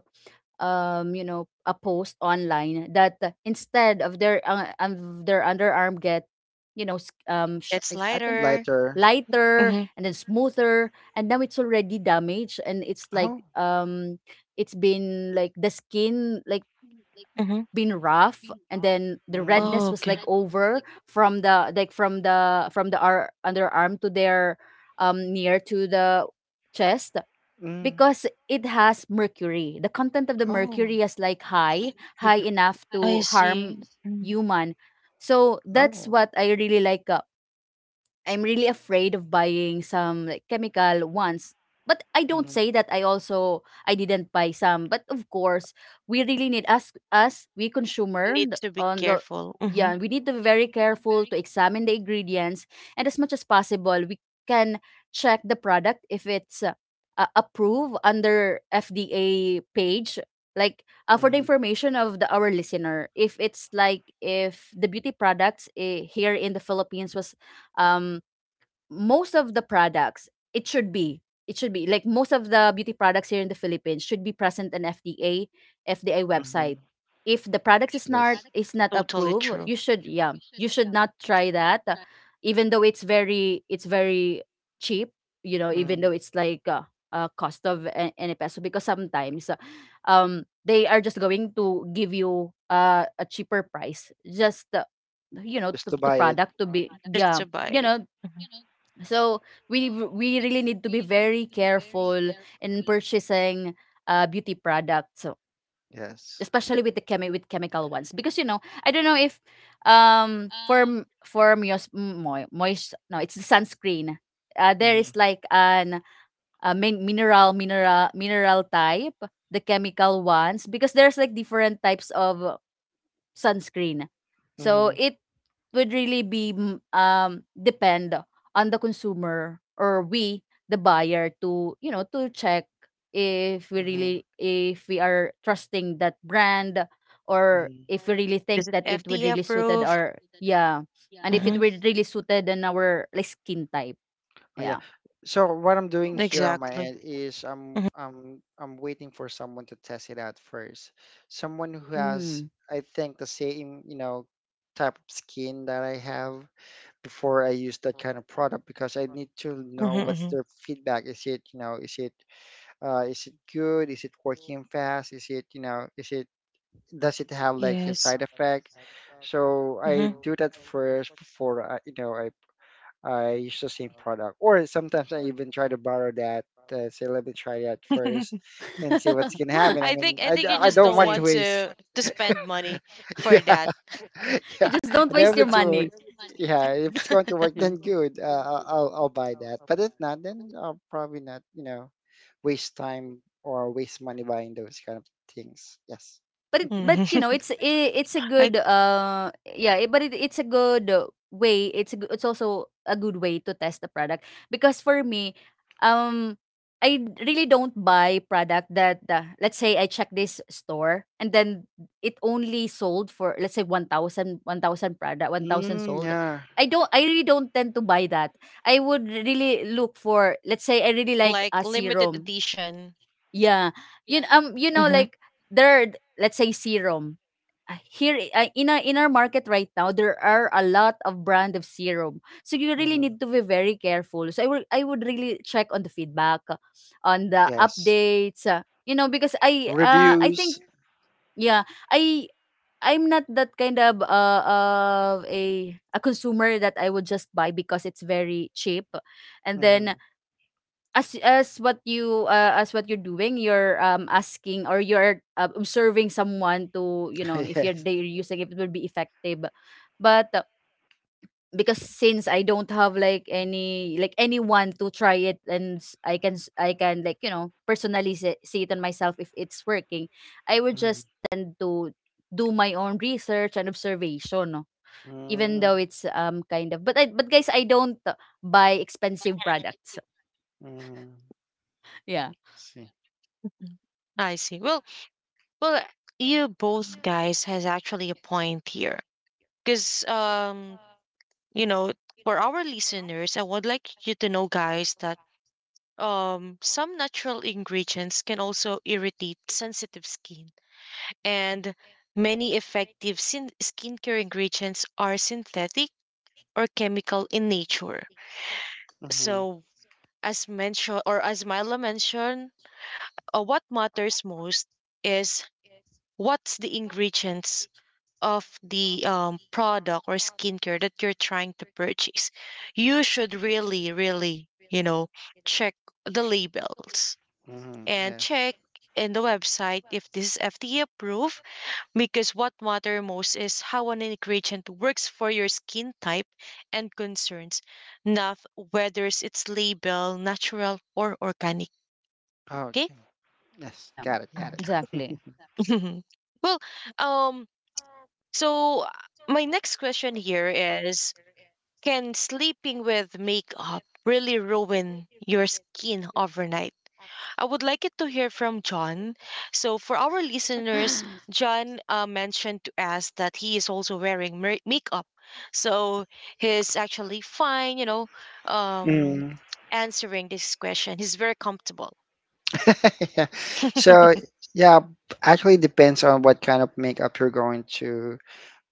Speaker 3: you know, a post online that instead of their underarm get, you know,
Speaker 5: It's
Speaker 3: I don't-
Speaker 5: lighter.
Speaker 2: Lighter.
Speaker 3: lighter
Speaker 5: Mm-hmm.
Speaker 3: and then smoother, and now it's already damaged, and it's like
Speaker 2: Oh.
Speaker 3: it's been like the skin like
Speaker 5: Mm-hmm.
Speaker 3: been rough, and then the
Speaker 2: Mm-hmm.
Speaker 5: Oh,
Speaker 3: redness was
Speaker 5: okay.
Speaker 3: like over from the like from the underarm to their near to the chest,
Speaker 2: mm
Speaker 3: because it has mercury. The content of the
Speaker 2: Oh.
Speaker 3: mercury is like high, high enough
Speaker 5: I
Speaker 3: to harm
Speaker 5: see. Mm.
Speaker 3: human. So that's
Speaker 2: Oh.
Speaker 3: what I really like I'm really afraid of buying some like chemical ones. But I don't
Speaker 2: Mm-hmm.
Speaker 3: say that I also, I didn't buy some. But of course, we really need us us we
Speaker 5: You
Speaker 3: consumer
Speaker 5: need
Speaker 3: the-
Speaker 5: to be
Speaker 3: on the,
Speaker 5: careful. Mm-hmm.
Speaker 3: yeah, we need to be very careful to examine the ingredients, and as much as possible, we can check the product if it's approved under FDA page, like, for the
Speaker 2: Mm-hmm.
Speaker 3: information of the our listener, if it's like, if the beauty products, eh, here in the Philippines was um most of the products, it should be it should be like, most of the beauty products here in the Philippines should be present an FDA website.
Speaker 2: Mm-hmm.
Speaker 3: If the product
Speaker 2: Yes.
Speaker 3: is not
Speaker 5: Totally
Speaker 3: approved,
Speaker 5: true.
Speaker 3: you should, yeah, you should not try that, even though it's very cheap. You know, even though
Speaker 2: Mm.
Speaker 3: it's like cost of any peso, because sometimes, they are just going to give you a cheaper price just you know,
Speaker 2: Just to
Speaker 3: to
Speaker 2: buy it.
Speaker 3: product to be,
Speaker 5: Just
Speaker 3: yeah,
Speaker 5: to buy
Speaker 3: you
Speaker 5: it.
Speaker 3: know,
Speaker 5: Hmm
Speaker 3: so we really need to be very careful in purchasing beauty products, so,
Speaker 2: Yes.
Speaker 3: especially with the chemical ones, because, you know, I don't know if for m- for moist moist, no, it's the sunscreen. There
Speaker 2: Mm-hmm.
Speaker 3: is like an mineral type, the chemical ones, because there's like different types of sunscreen. So
Speaker 2: Mm-hmm.
Speaker 3: it would really be depend on the consumer, or we the buyer, to, you know, to check if we really,
Speaker 2: hmm
Speaker 3: if we are trusting that brand, or if
Speaker 2: hmm
Speaker 3: we really
Speaker 5: This
Speaker 3: think
Speaker 5: is
Speaker 3: that it would
Speaker 5: FDA
Speaker 3: really suited
Speaker 5: approved.
Speaker 3: our, yeah, and if it
Speaker 5: Mm-hmm.
Speaker 3: would
Speaker 2: Yes.
Speaker 3: really suited in our like skin type.
Speaker 2: Oh yeah.
Speaker 3: Yeah,
Speaker 2: So what I'm doing here on my
Speaker 5: Exactly.
Speaker 2: end is I'm
Speaker 5: Mm-hmm.
Speaker 2: I'm I'm waiting for someone to test it out first. Someone who has,
Speaker 3: mm.
Speaker 2: I think, the same, you know, type of skin that I have before I use that kind of product, because I need to know
Speaker 5: Mm-hmm.
Speaker 2: what's
Speaker 5: hmm
Speaker 2: their feedback. Is it, you know, is it good? Is it working fast? Is it, you know, is it, does it have like a
Speaker 5: Yes.
Speaker 2: side effect? So I
Speaker 5: Mm-hmm.
Speaker 2: do that first before I, you know, I use the same product. Or sometimes I even try to borrow that. Say, let me try that first and see what's gonna happen.
Speaker 5: I think I think you
Speaker 2: I
Speaker 5: just
Speaker 2: don't
Speaker 5: don't
Speaker 2: want
Speaker 3: Exactly.
Speaker 2: to
Speaker 5: want
Speaker 2: waste.
Speaker 5: to spend money for
Speaker 2: yeah.
Speaker 5: that.
Speaker 3: You
Speaker 2: yeah.
Speaker 3: just don't
Speaker 2: And
Speaker 3: waste
Speaker 2: if
Speaker 3: your
Speaker 2: it's wor-
Speaker 3: money.
Speaker 2: yeah, if it's going to work,
Speaker 3: Yeah,
Speaker 2: then good. I'll buy that. But if not, then I'll probably not. Waste time or waste money buying those kind of things. Yes.
Speaker 3: but but
Speaker 5: Mhm.
Speaker 3: you know, it's a
Speaker 5: I
Speaker 3: good uh, yeah, it's a good way, it's it's also a good way to test the product. Because for me, um really don't buy product that let's say I check this store, and then it only sold for, let's say, 1000 product, 1000
Speaker 2: Mm,
Speaker 3: sold.
Speaker 2: yeah.
Speaker 3: I really don't tend to buy that. I would really look for, let's say I really like
Speaker 5: like
Speaker 3: a
Speaker 5: limited
Speaker 3: serum.
Speaker 5: edition.
Speaker 3: Yeah. You you know,
Speaker 5: Mm-hmm.
Speaker 3: like, there are, let's say, serum. Here in our market right now, there are a lot of brand of serum. So you really
Speaker 2: hmm
Speaker 3: need to be very careful. So I would really check on the feedback, on the
Speaker 2: Yes.
Speaker 3: updates, you know, because I think,
Speaker 2: Reviews.
Speaker 3: yeah, I I'm not that kind of a consumer that I would just buy because it's very cheap. And then,
Speaker 2: Hmm
Speaker 3: as what you as what you're doing, you're asking, or you're observing someone to, you know, if you're
Speaker 2: yes.
Speaker 3: they're using, if it will be effective. But because since I don't have like any, like anyone to try it, and I can, like, you know, personally see, see it on myself if it's working, I would
Speaker 2: Mm-hmm.
Speaker 3: just tend to do my own research and observation, no? Even though it's kind of, but but guys, I don't buy expensive products.
Speaker 2: Mm-hmm. See.
Speaker 5: Mhm. I see. Well, well, you both guys has actually a point here, because you know, for our listeners, I would like you to know, guys, that some natural ingredients can also irritate sensitive skin, and many effective skincare ingredients are synthetic or chemical in nature.
Speaker 2: Mm-hmm.
Speaker 5: So, as mentioned, or as Mila mentioned, what matters most is what's the ingredients of the product or skincare that you're trying to purchase. You should really really you know check the labels
Speaker 2: Mm-hmm.
Speaker 5: and
Speaker 2: Yes.
Speaker 5: check in the website if this is FDA approved, because what matter most is how an ingredient works for your skin type and concerns, not whether it's label natural or organic. Okay.
Speaker 2: Okay. Yes.
Speaker 3: Yeah,
Speaker 2: Got it. Got
Speaker 3: exactly.
Speaker 2: it.
Speaker 5: Well, um so, my next question here is: can sleeping with makeup really ruin your skin overnight? I would like it to hear from John. So, for our listeners, John mentioned to us that he is also wearing makeup. So, he's actually fine, you know, um,
Speaker 2: Mm.
Speaker 5: answering this question. He's very comfortable.
Speaker 2: Yeah.
Speaker 5: uh
Speaker 2: So, yeah, Actually depends on what kind of makeup you're going to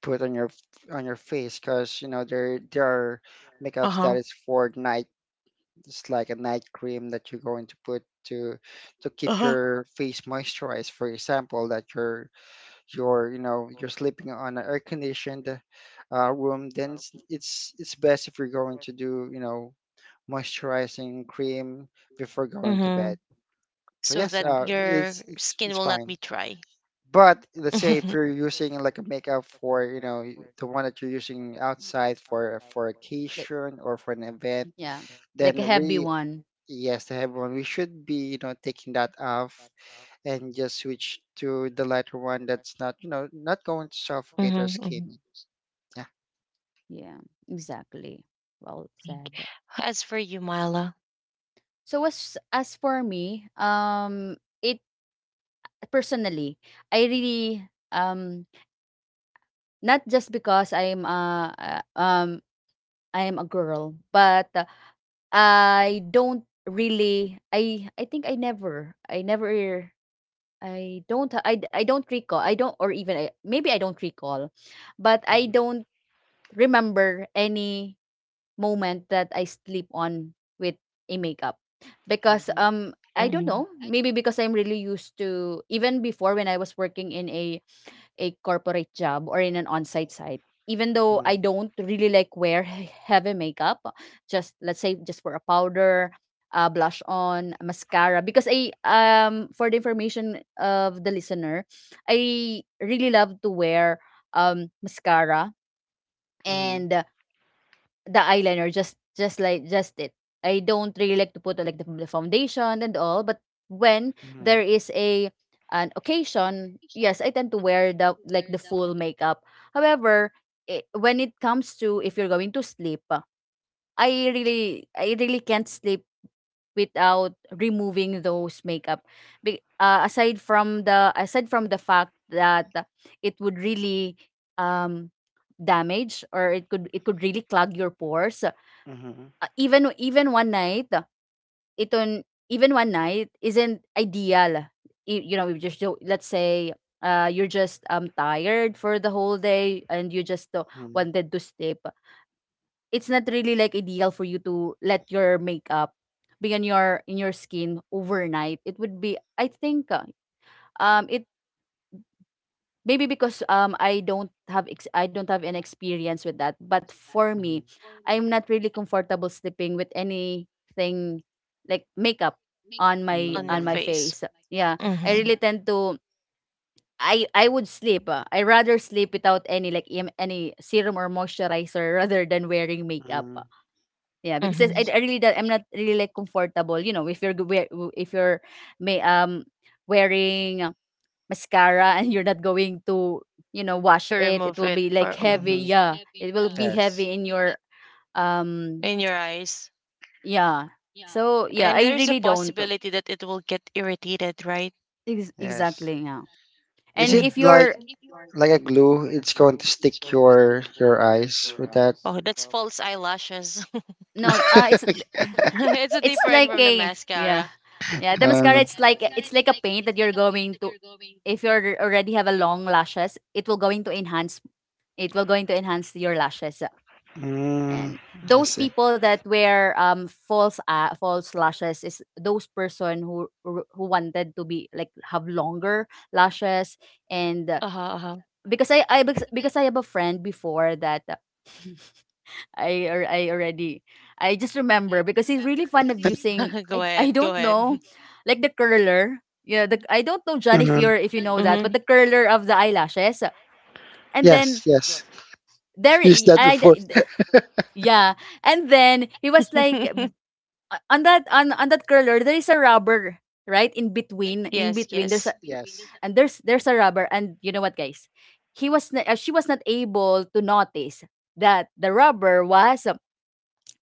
Speaker 2: put on your face, because you know there are makeups that
Speaker 5: huh.
Speaker 2: is for night. It's like a night cream that you're going to put to
Speaker 5: Uh
Speaker 2: keep
Speaker 5: huh.
Speaker 2: your face moisturized. For example, that you're. You're you know you're sleeping on an air conditioned room, then it's it's best if you're going to do, you know, moisturizing cream before going to
Speaker 5: Mm-hmm.
Speaker 2: bed. So
Speaker 5: So
Speaker 2: yes,
Speaker 5: that
Speaker 2: uh
Speaker 3: Exactly.
Speaker 5: your
Speaker 2: it's it's
Speaker 5: skin
Speaker 2: it's
Speaker 5: will not
Speaker 2: fine.
Speaker 5: be dry.
Speaker 2: But let's say if you're using like a makeup for, you know, the one that you're using outside for
Speaker 3: Like,
Speaker 2: occasion or for an event,
Speaker 3: yeah,
Speaker 2: then
Speaker 3: like a heavy
Speaker 2: we
Speaker 3: one.
Speaker 2: yes, to everyone, we should be, you know, taking that off and just switch to the lighter one that's not, you know, not going to suffocate our
Speaker 5: Mhm, mhm,
Speaker 2: skin. Yeah.
Speaker 3: Yeah, exactly. Well
Speaker 5: thank.
Speaker 3: said.
Speaker 5: As for you, Myla,
Speaker 3: So as for me, it personally, I really um not just because I am a girl, but I don't really I think I never I never I don't I don't recall I don't or even I, maybe I don't recall, but I
Speaker 2: Mhm,
Speaker 3: don't remember any moment that I sleep on with a makeup because
Speaker 2: mhm,
Speaker 3: I don't
Speaker 5: mhm.
Speaker 3: know, maybe because I'm really used to, even before when I was working in a corporate job or in an on-site site, even though I
Speaker 2: mhm,
Speaker 3: don't really like wear heavy makeup, just let's say just for a powder, blush on, mascara, because I for the information of the listener, I really love to wear mascara and the eyeliner, just like just it. I don't really like to put like the foundation and all, but when there
Speaker 2: mhm,
Speaker 3: is a an occasion, yes, I tend to wear the like the full makeup. However, I when it comes to if you're going to sleep, I really can't sleep without removing those makeup. Be, aside from the fact that it would really um damage, or it could really clog your pores.
Speaker 2: mhm,
Speaker 3: Even one night, ito even one night isn't ideal. You know, we just do, let's say you're just tired for the whole day, and you just
Speaker 2: mhm, mhm,
Speaker 3: wanted to sleep. It's not really like ideal for you to let your makeup be on your, in your skin overnight. It would be, I think, it maybe because, I don't have I don't have an experience with that. But for me,
Speaker 2: mhm.
Speaker 3: I'm not really comfortable sleeping with anything like makeup on my,
Speaker 5: On your
Speaker 3: on my
Speaker 2: Mhm.
Speaker 5: face.
Speaker 3: face. Yeah, I
Speaker 5: Mhm,
Speaker 3: really
Speaker 2: See.
Speaker 3: tend to, I would sleep. I rather sleep without any like any serum or moisturizer rather than wearing makeup.
Speaker 2: Mhm.
Speaker 3: Yeah, because it's-
Speaker 5: mhm.
Speaker 3: I,
Speaker 2: Let's
Speaker 3: I
Speaker 2: see.
Speaker 3: really don't, I'm not really like comfortable. You know, if you're if you're may wearing mascara and you're not going to, you know, wash
Speaker 5: To
Speaker 3: it, it
Speaker 5: remove
Speaker 3: will
Speaker 5: it
Speaker 3: be like
Speaker 5: or
Speaker 3: heavy.
Speaker 5: mhm,
Speaker 2: Mhm.
Speaker 3: Yeah, it will be
Speaker 2: Yes.
Speaker 3: heavy in your um
Speaker 5: in your eyes.
Speaker 3: yeah. So yeah,
Speaker 5: And
Speaker 3: I
Speaker 5: there's a
Speaker 3: really don't.
Speaker 5: possibility that it will get irritated, right?
Speaker 2: Yes.
Speaker 3: Exactly, yeah.
Speaker 2: Is
Speaker 3: And
Speaker 2: it
Speaker 3: if
Speaker 5: Mhm.
Speaker 2: like
Speaker 3: you're,
Speaker 2: like a glue? It's going to stick your eyes with that.
Speaker 5: Oh, that's false eyelashes.
Speaker 3: no, it's
Speaker 5: It's a
Speaker 3: it's
Speaker 5: different
Speaker 3: like
Speaker 5: from the
Speaker 3: a, yeah.
Speaker 5: mascara.
Speaker 3: Yeah, the mascara,
Speaker 2: Um,
Speaker 3: it's like, it's like a paint that you're going to, if you're already have a long lashes, it will going to enhance, it will going to enhance your lashes.
Speaker 2: mm,
Speaker 3: And
Speaker 2: I
Speaker 3: those
Speaker 2: see.
Speaker 3: people that wear false false lashes is those person who who wanted to be like have longer lashes. And
Speaker 5: Uh-huh, uh-huh.
Speaker 3: because I because I have a friend before that, I already, I just remember because he's really fond of using, I
Speaker 5: Go
Speaker 3: I
Speaker 5: ahead, go
Speaker 3: don't know,
Speaker 5: ahead.
Speaker 3: like the curler. Yeah, the, I don't know, John, if
Speaker 2: Mhm.
Speaker 3: you're, if you know that,
Speaker 5: Mhm.
Speaker 3: but the curler of the eyelashes, and
Speaker 2: Yes,
Speaker 3: then
Speaker 2: yes.
Speaker 3: there
Speaker 2: Use that before.
Speaker 3: yeah, and then he was like, on that, on that curler there is a rubber, right in between, in
Speaker 5: Yes,
Speaker 3: between there's a,
Speaker 5: yes.
Speaker 2: Yes.
Speaker 3: and there's a rubber, and you know what, guys, she was not able to notice that the rubber was,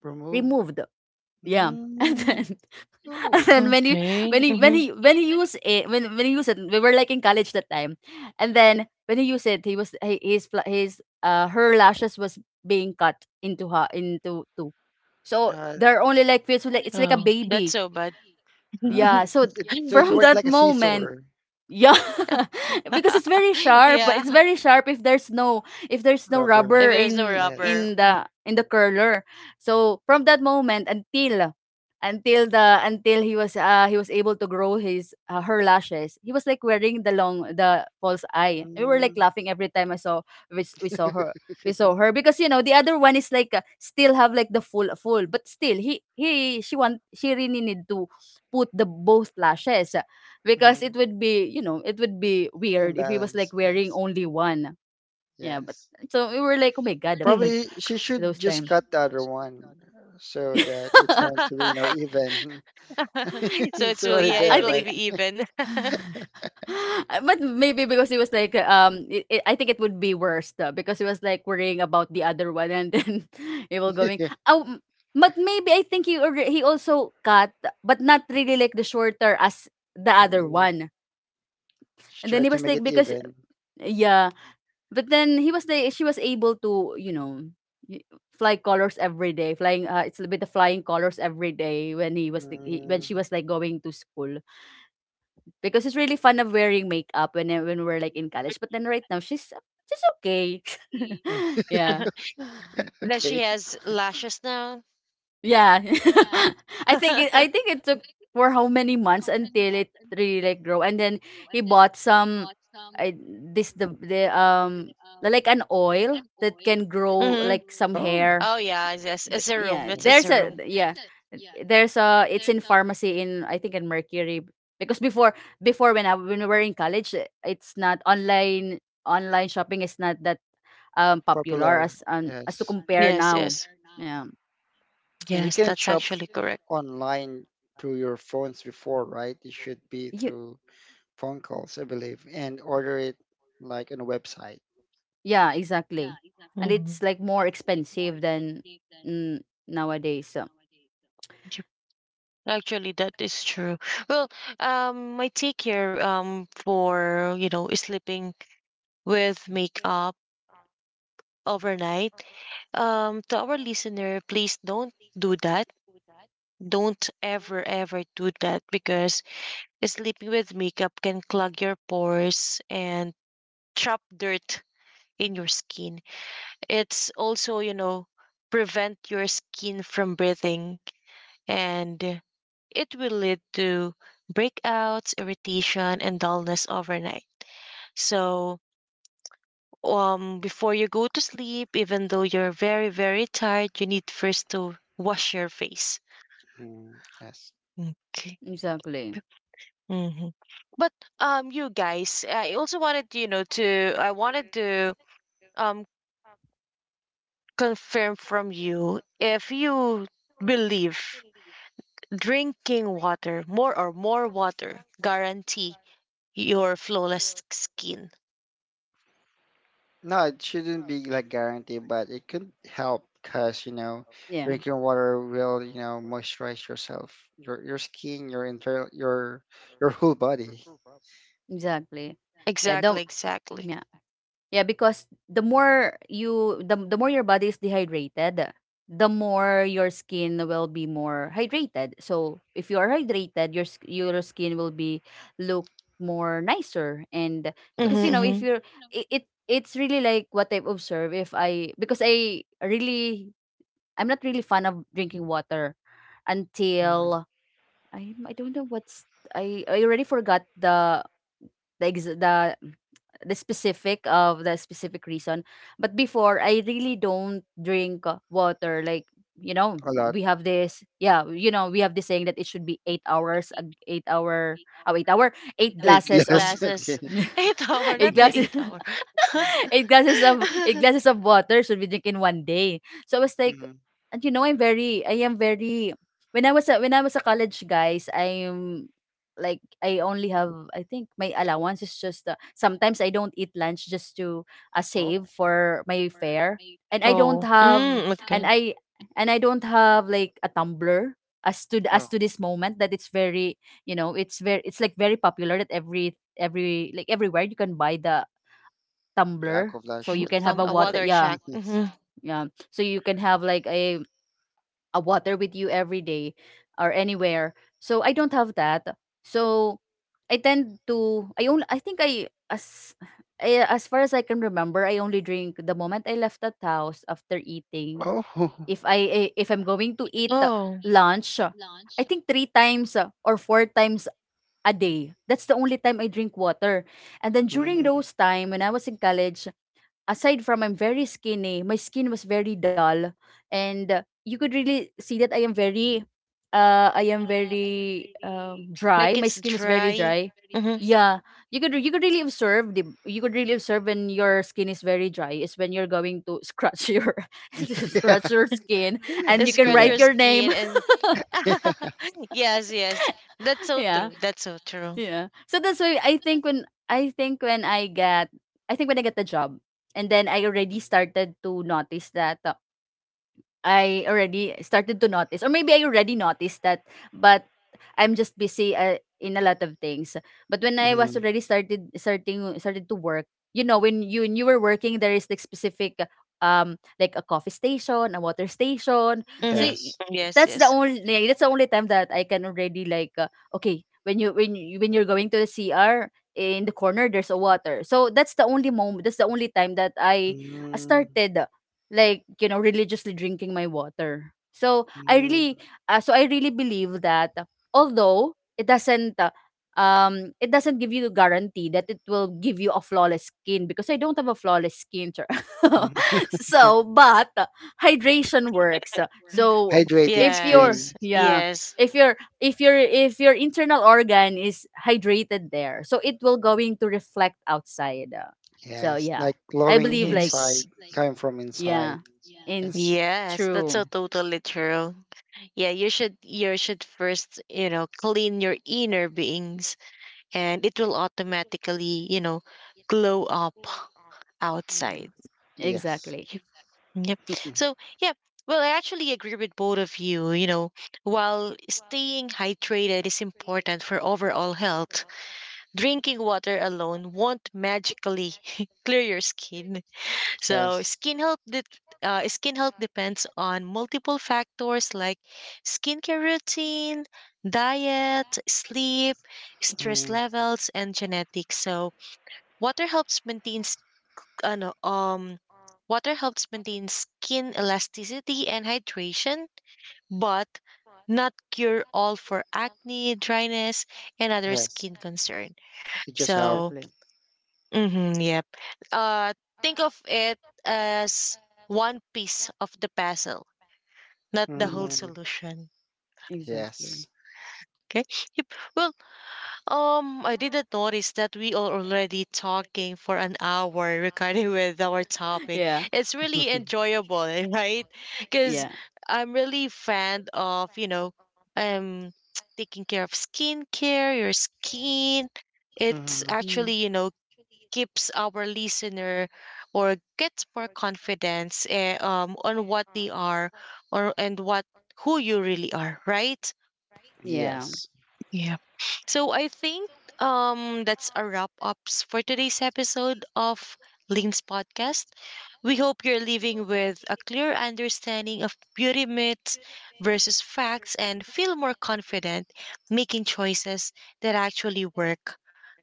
Speaker 2: Remove.
Speaker 3: removed. Yeah, and then
Speaker 2: Mm, oh.
Speaker 3: and when you,
Speaker 5: Okay.
Speaker 3: when he when he used it, when he used it, we were like in college that time. And then when he used it, he was, he, his fla- his her lashes was being cut into her, into two. So
Speaker 2: Yeah,
Speaker 3: there are only like, feels like it's like a
Speaker 5: Oh, that's
Speaker 3: baby.
Speaker 5: so bad.
Speaker 2: uh,
Speaker 3: Yeah,
Speaker 2: it,
Speaker 3: so
Speaker 2: it so it
Speaker 3: from
Speaker 2: worked
Speaker 3: that
Speaker 2: like a
Speaker 3: moment,
Speaker 2: scissor.
Speaker 3: yeah, because it's very sharp. But
Speaker 5: Yeah.
Speaker 3: it's very sharp if there's no, if there's no
Speaker 2: Rubber.
Speaker 5: If
Speaker 3: rubber
Speaker 5: there's no
Speaker 3: in,
Speaker 5: rubber.
Speaker 3: in
Speaker 2: Yes.
Speaker 3: the in the curler. So from that moment, until he was, he was able to grow his, her lashes, he was like wearing the long, the false eye. We were like
Speaker 2: Mm.
Speaker 3: laughing every time I saw, we saw her, we saw her because, you know, the other one is like, still have like the full, full, but still he she want, she really need to put the both lashes, because it
Speaker 2: Mhm.
Speaker 3: would be, you know, it would be weird if he was like
Speaker 2: Imbalance.
Speaker 3: wearing
Speaker 2: Yes.
Speaker 3: only one. Yeah, but
Speaker 2: Yes.
Speaker 3: so we were like, oh my god, those
Speaker 5: Mhm.
Speaker 3: type,
Speaker 2: Probably she
Speaker 3: those
Speaker 2: should just
Speaker 3: time.
Speaker 2: cut the other one, so that it's going to be, you know, even.
Speaker 5: So
Speaker 2: It's
Speaker 5: it's
Speaker 2: already
Speaker 5: really yeah, it
Speaker 3: I
Speaker 2: there,
Speaker 5: will
Speaker 3: think,
Speaker 2: right?
Speaker 5: be even.
Speaker 3: but maybe because he was like, I think it would be worse, because he was like worrying about the other one, and then he will going,
Speaker 2: Yeah.
Speaker 3: oh but maybe, I think he also cut, but not really like the shorter as the other
Speaker 2: Mm.
Speaker 3: one.
Speaker 2: She
Speaker 3: And then
Speaker 2: tried
Speaker 3: he
Speaker 2: to
Speaker 3: was
Speaker 2: make
Speaker 3: like,
Speaker 2: it
Speaker 3: because,
Speaker 2: even.
Speaker 3: yeah. But then he was, the she was able to, you know, y- fly colors every day, flying, it's a bit of flying colors every day when he was the, when
Speaker 2: Mm.
Speaker 3: she was like going to school, because it's really fun of wearing makeup when, when we were like in college. But then right now she's okay. Yeah,
Speaker 5: That
Speaker 2: Okay.
Speaker 5: she has lashes now.
Speaker 3: yeah. I think it took for how many months until it really like grow, and then he bought some. I, this the the like an oil that can grow
Speaker 5: Mm-hmm.
Speaker 3: like some
Speaker 2: Oh,
Speaker 3: hair.
Speaker 5: Oh yeah, yes, it's a
Speaker 3: Yeah,
Speaker 5: room.
Speaker 2: yeah.
Speaker 5: It's it's
Speaker 3: there's
Speaker 5: a
Speaker 3: a,
Speaker 5: room.
Speaker 3: yeah, there's a, it's in pharmacy, in I think in mercury. Because before, before when I when we were in college, eh, it's not online. Online shopping is not that popular,
Speaker 2: Popular.
Speaker 3: as to
Speaker 2: Yes.
Speaker 3: compare
Speaker 5: Yes,
Speaker 3: now.
Speaker 5: yes,
Speaker 3: Yeah,
Speaker 2: And you
Speaker 5: yes.
Speaker 2: can
Speaker 5: That's
Speaker 2: chop
Speaker 5: actually correct.
Speaker 2: online through your phones before, right? It should be
Speaker 3: yeah,
Speaker 2: through phone calls, I believe, and order it like on a website.
Speaker 3: yeah, exactly. And it's
Speaker 5: Mm-hmm.
Speaker 3: like more expensive than, mm, nowadays. So
Speaker 5: Actually, that is true. Well, my take here, for you know, sleeping with makeup overnight. To our listener, please don't do that. Don't ever, ever do that because sleeping with makeup can clog your pores and trap dirt in your skin. It's also, you know, prevent your skin from breathing and it will lead to breakouts, irritation, and dullness overnight. So, before you go to sleep, even though you're very, very tired, you need first to wash your face.
Speaker 2: Mm, yes.
Speaker 5: Okay.
Speaker 3: exactly,
Speaker 5: Mm-hmm. But you guys, I also wanted you know to I wanted to um confirm from you if you believe drinking water, more water, guarantee your flawless skin.
Speaker 2: No, it shouldn't be like guaranteed, but it could help because, you know,
Speaker 3: yeah,
Speaker 2: drinking water will, you know, moisturize yourself, your skin, your internal, your whole body.
Speaker 3: exactly, yeah, the,
Speaker 5: Exactly, exactly.
Speaker 3: yeah. Yeah, because the more you, the more your body is dehydrated, the more your skin will be more hydrated. So if you are hydrated, your your skin will be look more nicer. And because
Speaker 5: Mm-hmm.
Speaker 3: you
Speaker 2: Yes.
Speaker 3: know if
Speaker 5: hmm
Speaker 3: you're, it it's really like what I've observed, if I, because I really, I'm not really fan of drinking water.
Speaker 2: Mm,
Speaker 3: Until, I don't know what's, I already forgot the, the the specific of the specific reason. But before, I really don't drink, water. Like, you know,
Speaker 2: a lot.
Speaker 3: we have this. Yeah, you know, we have this saying that it should be 8 hours, a eight-hour, oh, eight hour, eight
Speaker 2: Eight
Speaker 3: glasses of,
Speaker 2: glass.
Speaker 5: Glasses.
Speaker 2: Okay.
Speaker 5: 8 hour,
Speaker 3: eight
Speaker 5: not
Speaker 2: Mhm.
Speaker 5: the
Speaker 3: glasses.
Speaker 5: eight hour.
Speaker 3: 8 glasses of, 8 glasses of water should be drinking one day. So I was like,
Speaker 2: Mhm.
Speaker 3: and you know, I'm very, I am very. When I was a, when I was a college, guys, I'm like, I only have, I think my allowance is just, sometimes I don't eat lunch just to, save
Speaker 2: Oh,
Speaker 3: for my fare, and I don't
Speaker 5: Oh,
Speaker 3: have,
Speaker 5: mm,
Speaker 3: and
Speaker 5: okay.
Speaker 3: I and I don't have like a tumbler as to, as
Speaker 2: oh,
Speaker 3: to this moment that it's very, you know, it's very, it's like very popular that every like everywhere you can buy the
Speaker 2: the
Speaker 3: tumbler
Speaker 2: aqua
Speaker 3: so
Speaker 2: flash,
Speaker 3: you can have
Speaker 5: Some
Speaker 3: a
Speaker 2: something
Speaker 5: a
Speaker 2: like
Speaker 3: water.
Speaker 2: that.
Speaker 5: water
Speaker 3: Yeah,
Speaker 5: check.
Speaker 2: Yes.
Speaker 5: Hmm
Speaker 3: yeah, so you can have like a water with you every day, or anywhere. So I don't have that. So I tend to, I only, I think I, as, I, as far as I can remember, I only drink the moment I left that house after eating,
Speaker 2: Oh.
Speaker 3: if I if I'm going to eat,
Speaker 5: Oh,
Speaker 3: lunch, I think 3 times, or 4 times a day. That's the only time I drink water. And then during
Speaker 2: Mm.
Speaker 3: those time when I was in college, aside from I'm very skinny, my skin was very dull, and you could really see that I am very dry.
Speaker 5: like
Speaker 3: My
Speaker 5: it's
Speaker 3: skin was very
Speaker 5: dry.
Speaker 3: dry.
Speaker 5: Hmm
Speaker 3: Yeah, you could, you could really observe the, you could really observe when your skin is very dry, is when you're going to scratch your scratch your skin, and
Speaker 5: It
Speaker 3: you can
Speaker 5: scratch
Speaker 2: Yeah,
Speaker 3: write
Speaker 5: your
Speaker 3: your name.
Speaker 5: skin and
Speaker 2: yeah,
Speaker 5: yes, yes. That's so
Speaker 3: Yeah,
Speaker 5: true. That's so true.
Speaker 3: yeah. So that's why I think when, I think when I get, I think when I get the job, and then I already started to notice that. I already started to notice, or maybe I already noticed that, but I'm just busy in a lot of things. But when I was
Speaker 2: mm,
Speaker 3: already started to work, you know, when you, when you were working, there is like specific like a coffee station, a water station. So
Speaker 5: Mm-hmm.
Speaker 2: yes.
Speaker 5: Stadiums. Yes,
Speaker 3: that's the
Speaker 5: yes.
Speaker 3: only like, that's the only time that I can already like, okay, when you, when you, when you're going to the CR in the corner, there's a water. So that's the only moment, that's the only time that I
Speaker 2: Mm,
Speaker 3: started like, you know, religiously drinking my water. So I
Speaker 2: mm,
Speaker 3: really, so I really believe that, although it doesn't, it doesn't give you the guarantee that it will give you a flawless skin, because I don't have a flawless skin, sir.
Speaker 2: mm.
Speaker 3: So but, hydration works.
Speaker 5: Or
Speaker 3: So if
Speaker 2: Hydrated
Speaker 3: your,
Speaker 2: skin.
Speaker 5: yes,
Speaker 3: yeah,
Speaker 5: yes,
Speaker 3: if your, if your, if your internal organ is hydrated there, so it will going to reflect outside. So
Speaker 2: Yes,
Speaker 3: yeah,
Speaker 2: like
Speaker 3: I
Speaker 2: glowing
Speaker 3: believe
Speaker 5: yeah,
Speaker 3: like,
Speaker 2: inside,
Speaker 5: yes,
Speaker 2: coming from
Speaker 3: yeah.
Speaker 2: inside.
Speaker 3: In
Speaker 2: Yes,
Speaker 5: yes. That's
Speaker 3: true.
Speaker 5: so totally true. Yeah, you should first, you know, clean your inner beings and it will automatically, you know, glow up
Speaker 3: Mm.
Speaker 5: outside.
Speaker 2: yes,
Speaker 3: Exactly.
Speaker 5: Yep, yep. So yeah, well I actually agree with both of you, you know, while staying hydrated is important for overall health, drinking water alone won't magically clear your skin. So
Speaker 2: yes,
Speaker 5: skin health de- Skin health depends on multiple factors like skincare routine, diet, sleep, stress
Speaker 2: mm,
Speaker 5: levels, and genetics. So water helps maintain s- ano, um water helps maintain skin elasticity and hydration, but not cure all for acne, dryness, and other
Speaker 2: yes.
Speaker 5: skin concern.
Speaker 2: It just help.
Speaker 5: So
Speaker 3: Exactly.
Speaker 5: mm-hmm, yep. Uh, think of it as one piece of the puzzle, not the whole
Speaker 3: Mm,
Speaker 2: Mm,
Speaker 5: solution.
Speaker 3: exactly.
Speaker 2: yes,
Speaker 5: Okay. Yep. Well, I didn't notice that we are already talking for an hour regarding with our topic.
Speaker 3: Yeah.
Speaker 5: It's really enjoyable, right?
Speaker 3: Yeah.
Speaker 5: Because I'm really fan of you know, um, taking care of skincare, your skin. It's
Speaker 2: mm,
Speaker 3: Mm.
Speaker 5: actually you know keeps our listener or gets more confidence on what they are or and what who you really are, right?
Speaker 3: Yeah.
Speaker 2: yes.
Speaker 5: Yeah. So I think that's a wrap ups for today's episode of Lynn's podcast. We hope you're leaving with a clear understanding of beauty myths versus facts and feel more confident making choices that actually work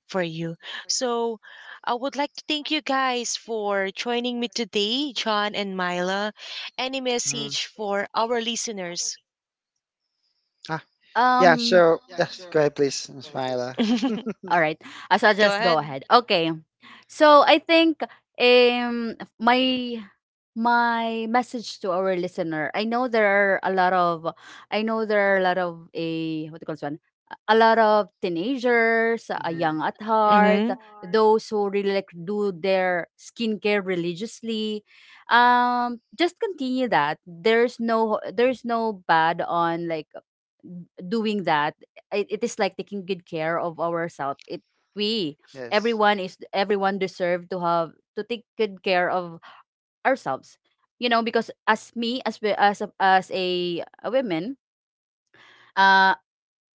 Speaker 5: for you. So I would like to thank you guys for joining me today, John and Mila. Any
Speaker 2: Mm.
Speaker 5: message for our listeners?
Speaker 2: Ah, yeah.
Speaker 3: Um.
Speaker 2: So yes, go ahead, please, Smiler.
Speaker 3: All right. So I'll
Speaker 5: Go
Speaker 3: just go
Speaker 5: ahead.
Speaker 3: ahead. Okay. So I think um my, my message to our listener. I know there are a lot of, I know there are a lot of a, what do you call this one? A lot of teenagers,
Speaker 2: Mm-hmm.
Speaker 3: young at heart,
Speaker 5: Mm-hmm.
Speaker 3: those who really like do their skincare religiously. Just continue that. There's no, there's no bad on like doing that, it is like taking good care of ourselves. It we
Speaker 2: Yes.
Speaker 3: Everyone is, everyone deserve to have to take good care of ourselves, you know, because as me, as we, as a woman, uh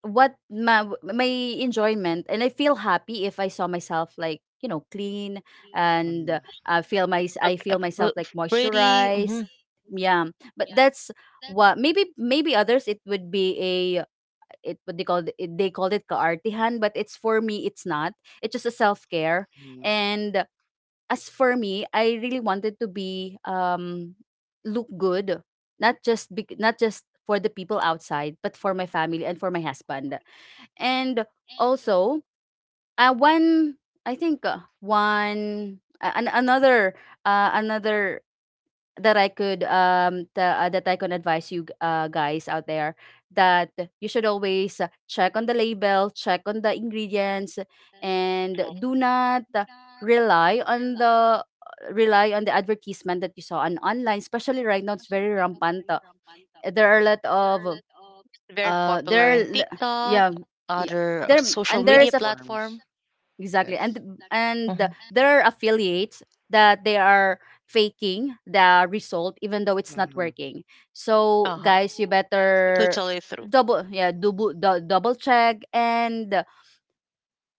Speaker 3: what my enjoyment and I feel happy if I saw myself like, you know, clean, and
Speaker 2: Mm-hmm.
Speaker 3: I feel my, I feel myself
Speaker 5: uh,
Speaker 3: like
Speaker 5: f- Pretty. Mm-hmm.
Speaker 3: moisturized. Yeah, but that's what maybe, maybe others it would be a, it what they called it, they called it kaartihan, but it's, for me it's not, it's just a self-care.
Speaker 2: Mm-hmm.
Speaker 3: And as for me, I really wanted to be look good, not just bec not just for the people outside, but for my family and for my husband. And also, one, I think, one another another that I could that I can advise you, guys out there, that you should always, check on the label, check on the ingredients, and do not, rely on the, rely on the advertisement that you saw on online. Especially right now, it's very rampant. There are a lot of,
Speaker 5: Very
Speaker 3: uh
Speaker 5: popular
Speaker 3: there are
Speaker 5: in
Speaker 3: l-
Speaker 5: TikTok,
Speaker 3: yeah, yeah,
Speaker 5: other
Speaker 3: there, and
Speaker 5: social media
Speaker 3: there's a,
Speaker 2: Platforms.
Speaker 5: platform.
Speaker 3: exactly, and
Speaker 2: Yes.
Speaker 5: Mm-hmm.
Speaker 3: there are affiliates that they are faking the result even though it's not
Speaker 2: Mm-hmm.
Speaker 3: working. So guys, you
Speaker 5: Uh-huh.
Speaker 3: better
Speaker 5: Totally through.
Speaker 3: double yeah double dou- double check, and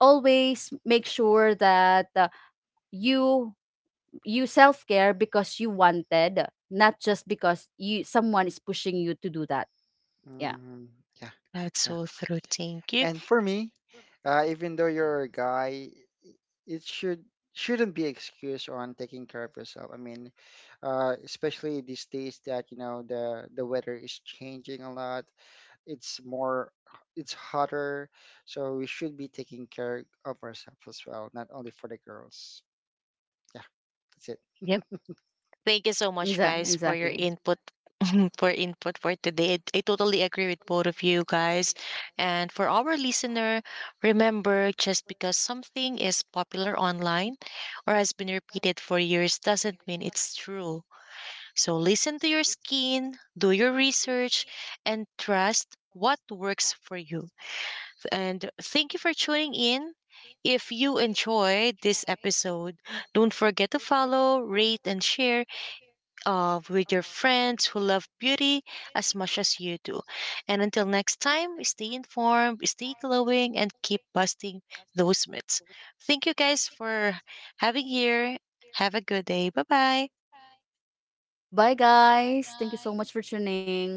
Speaker 3: always make sure that, you, you self-care because you wanted, not just because you, someone is pushing you to do that. Yeah.
Speaker 2: Mm-hmm. Yeah,
Speaker 5: That's
Speaker 2: yeah.
Speaker 5: so true. Thank you.
Speaker 2: And for me, even though you're a guy, I- it should shouldn't be excuse on taking care of yourself. I mean, especially these days that, you know, the weather is changing a lot. It's more, it's hotter, so we should be taking care of ourselves as well, not only for the girls. Yeah, that's it.
Speaker 5: Yep. Thank you so much, guys, for your
Speaker 3: Exactly.
Speaker 5: input. For input for today. I totally agree with both of you guys. And for our listener, remember just because something is popular online or has been repeated for years doesn't mean it's true. So listen to your skin, do your research, and trust what works for you. And thank you for tuning in. If you enjoyed this episode, don't forget to follow, rate, and share with your friends who love beauty as much as you do. And until next time, stay informed, stay glowing, and keep busting those myths. Thank you guys for having here. Have a good day. Bye bye.
Speaker 3: Bye, guys, thank you so much for tuning.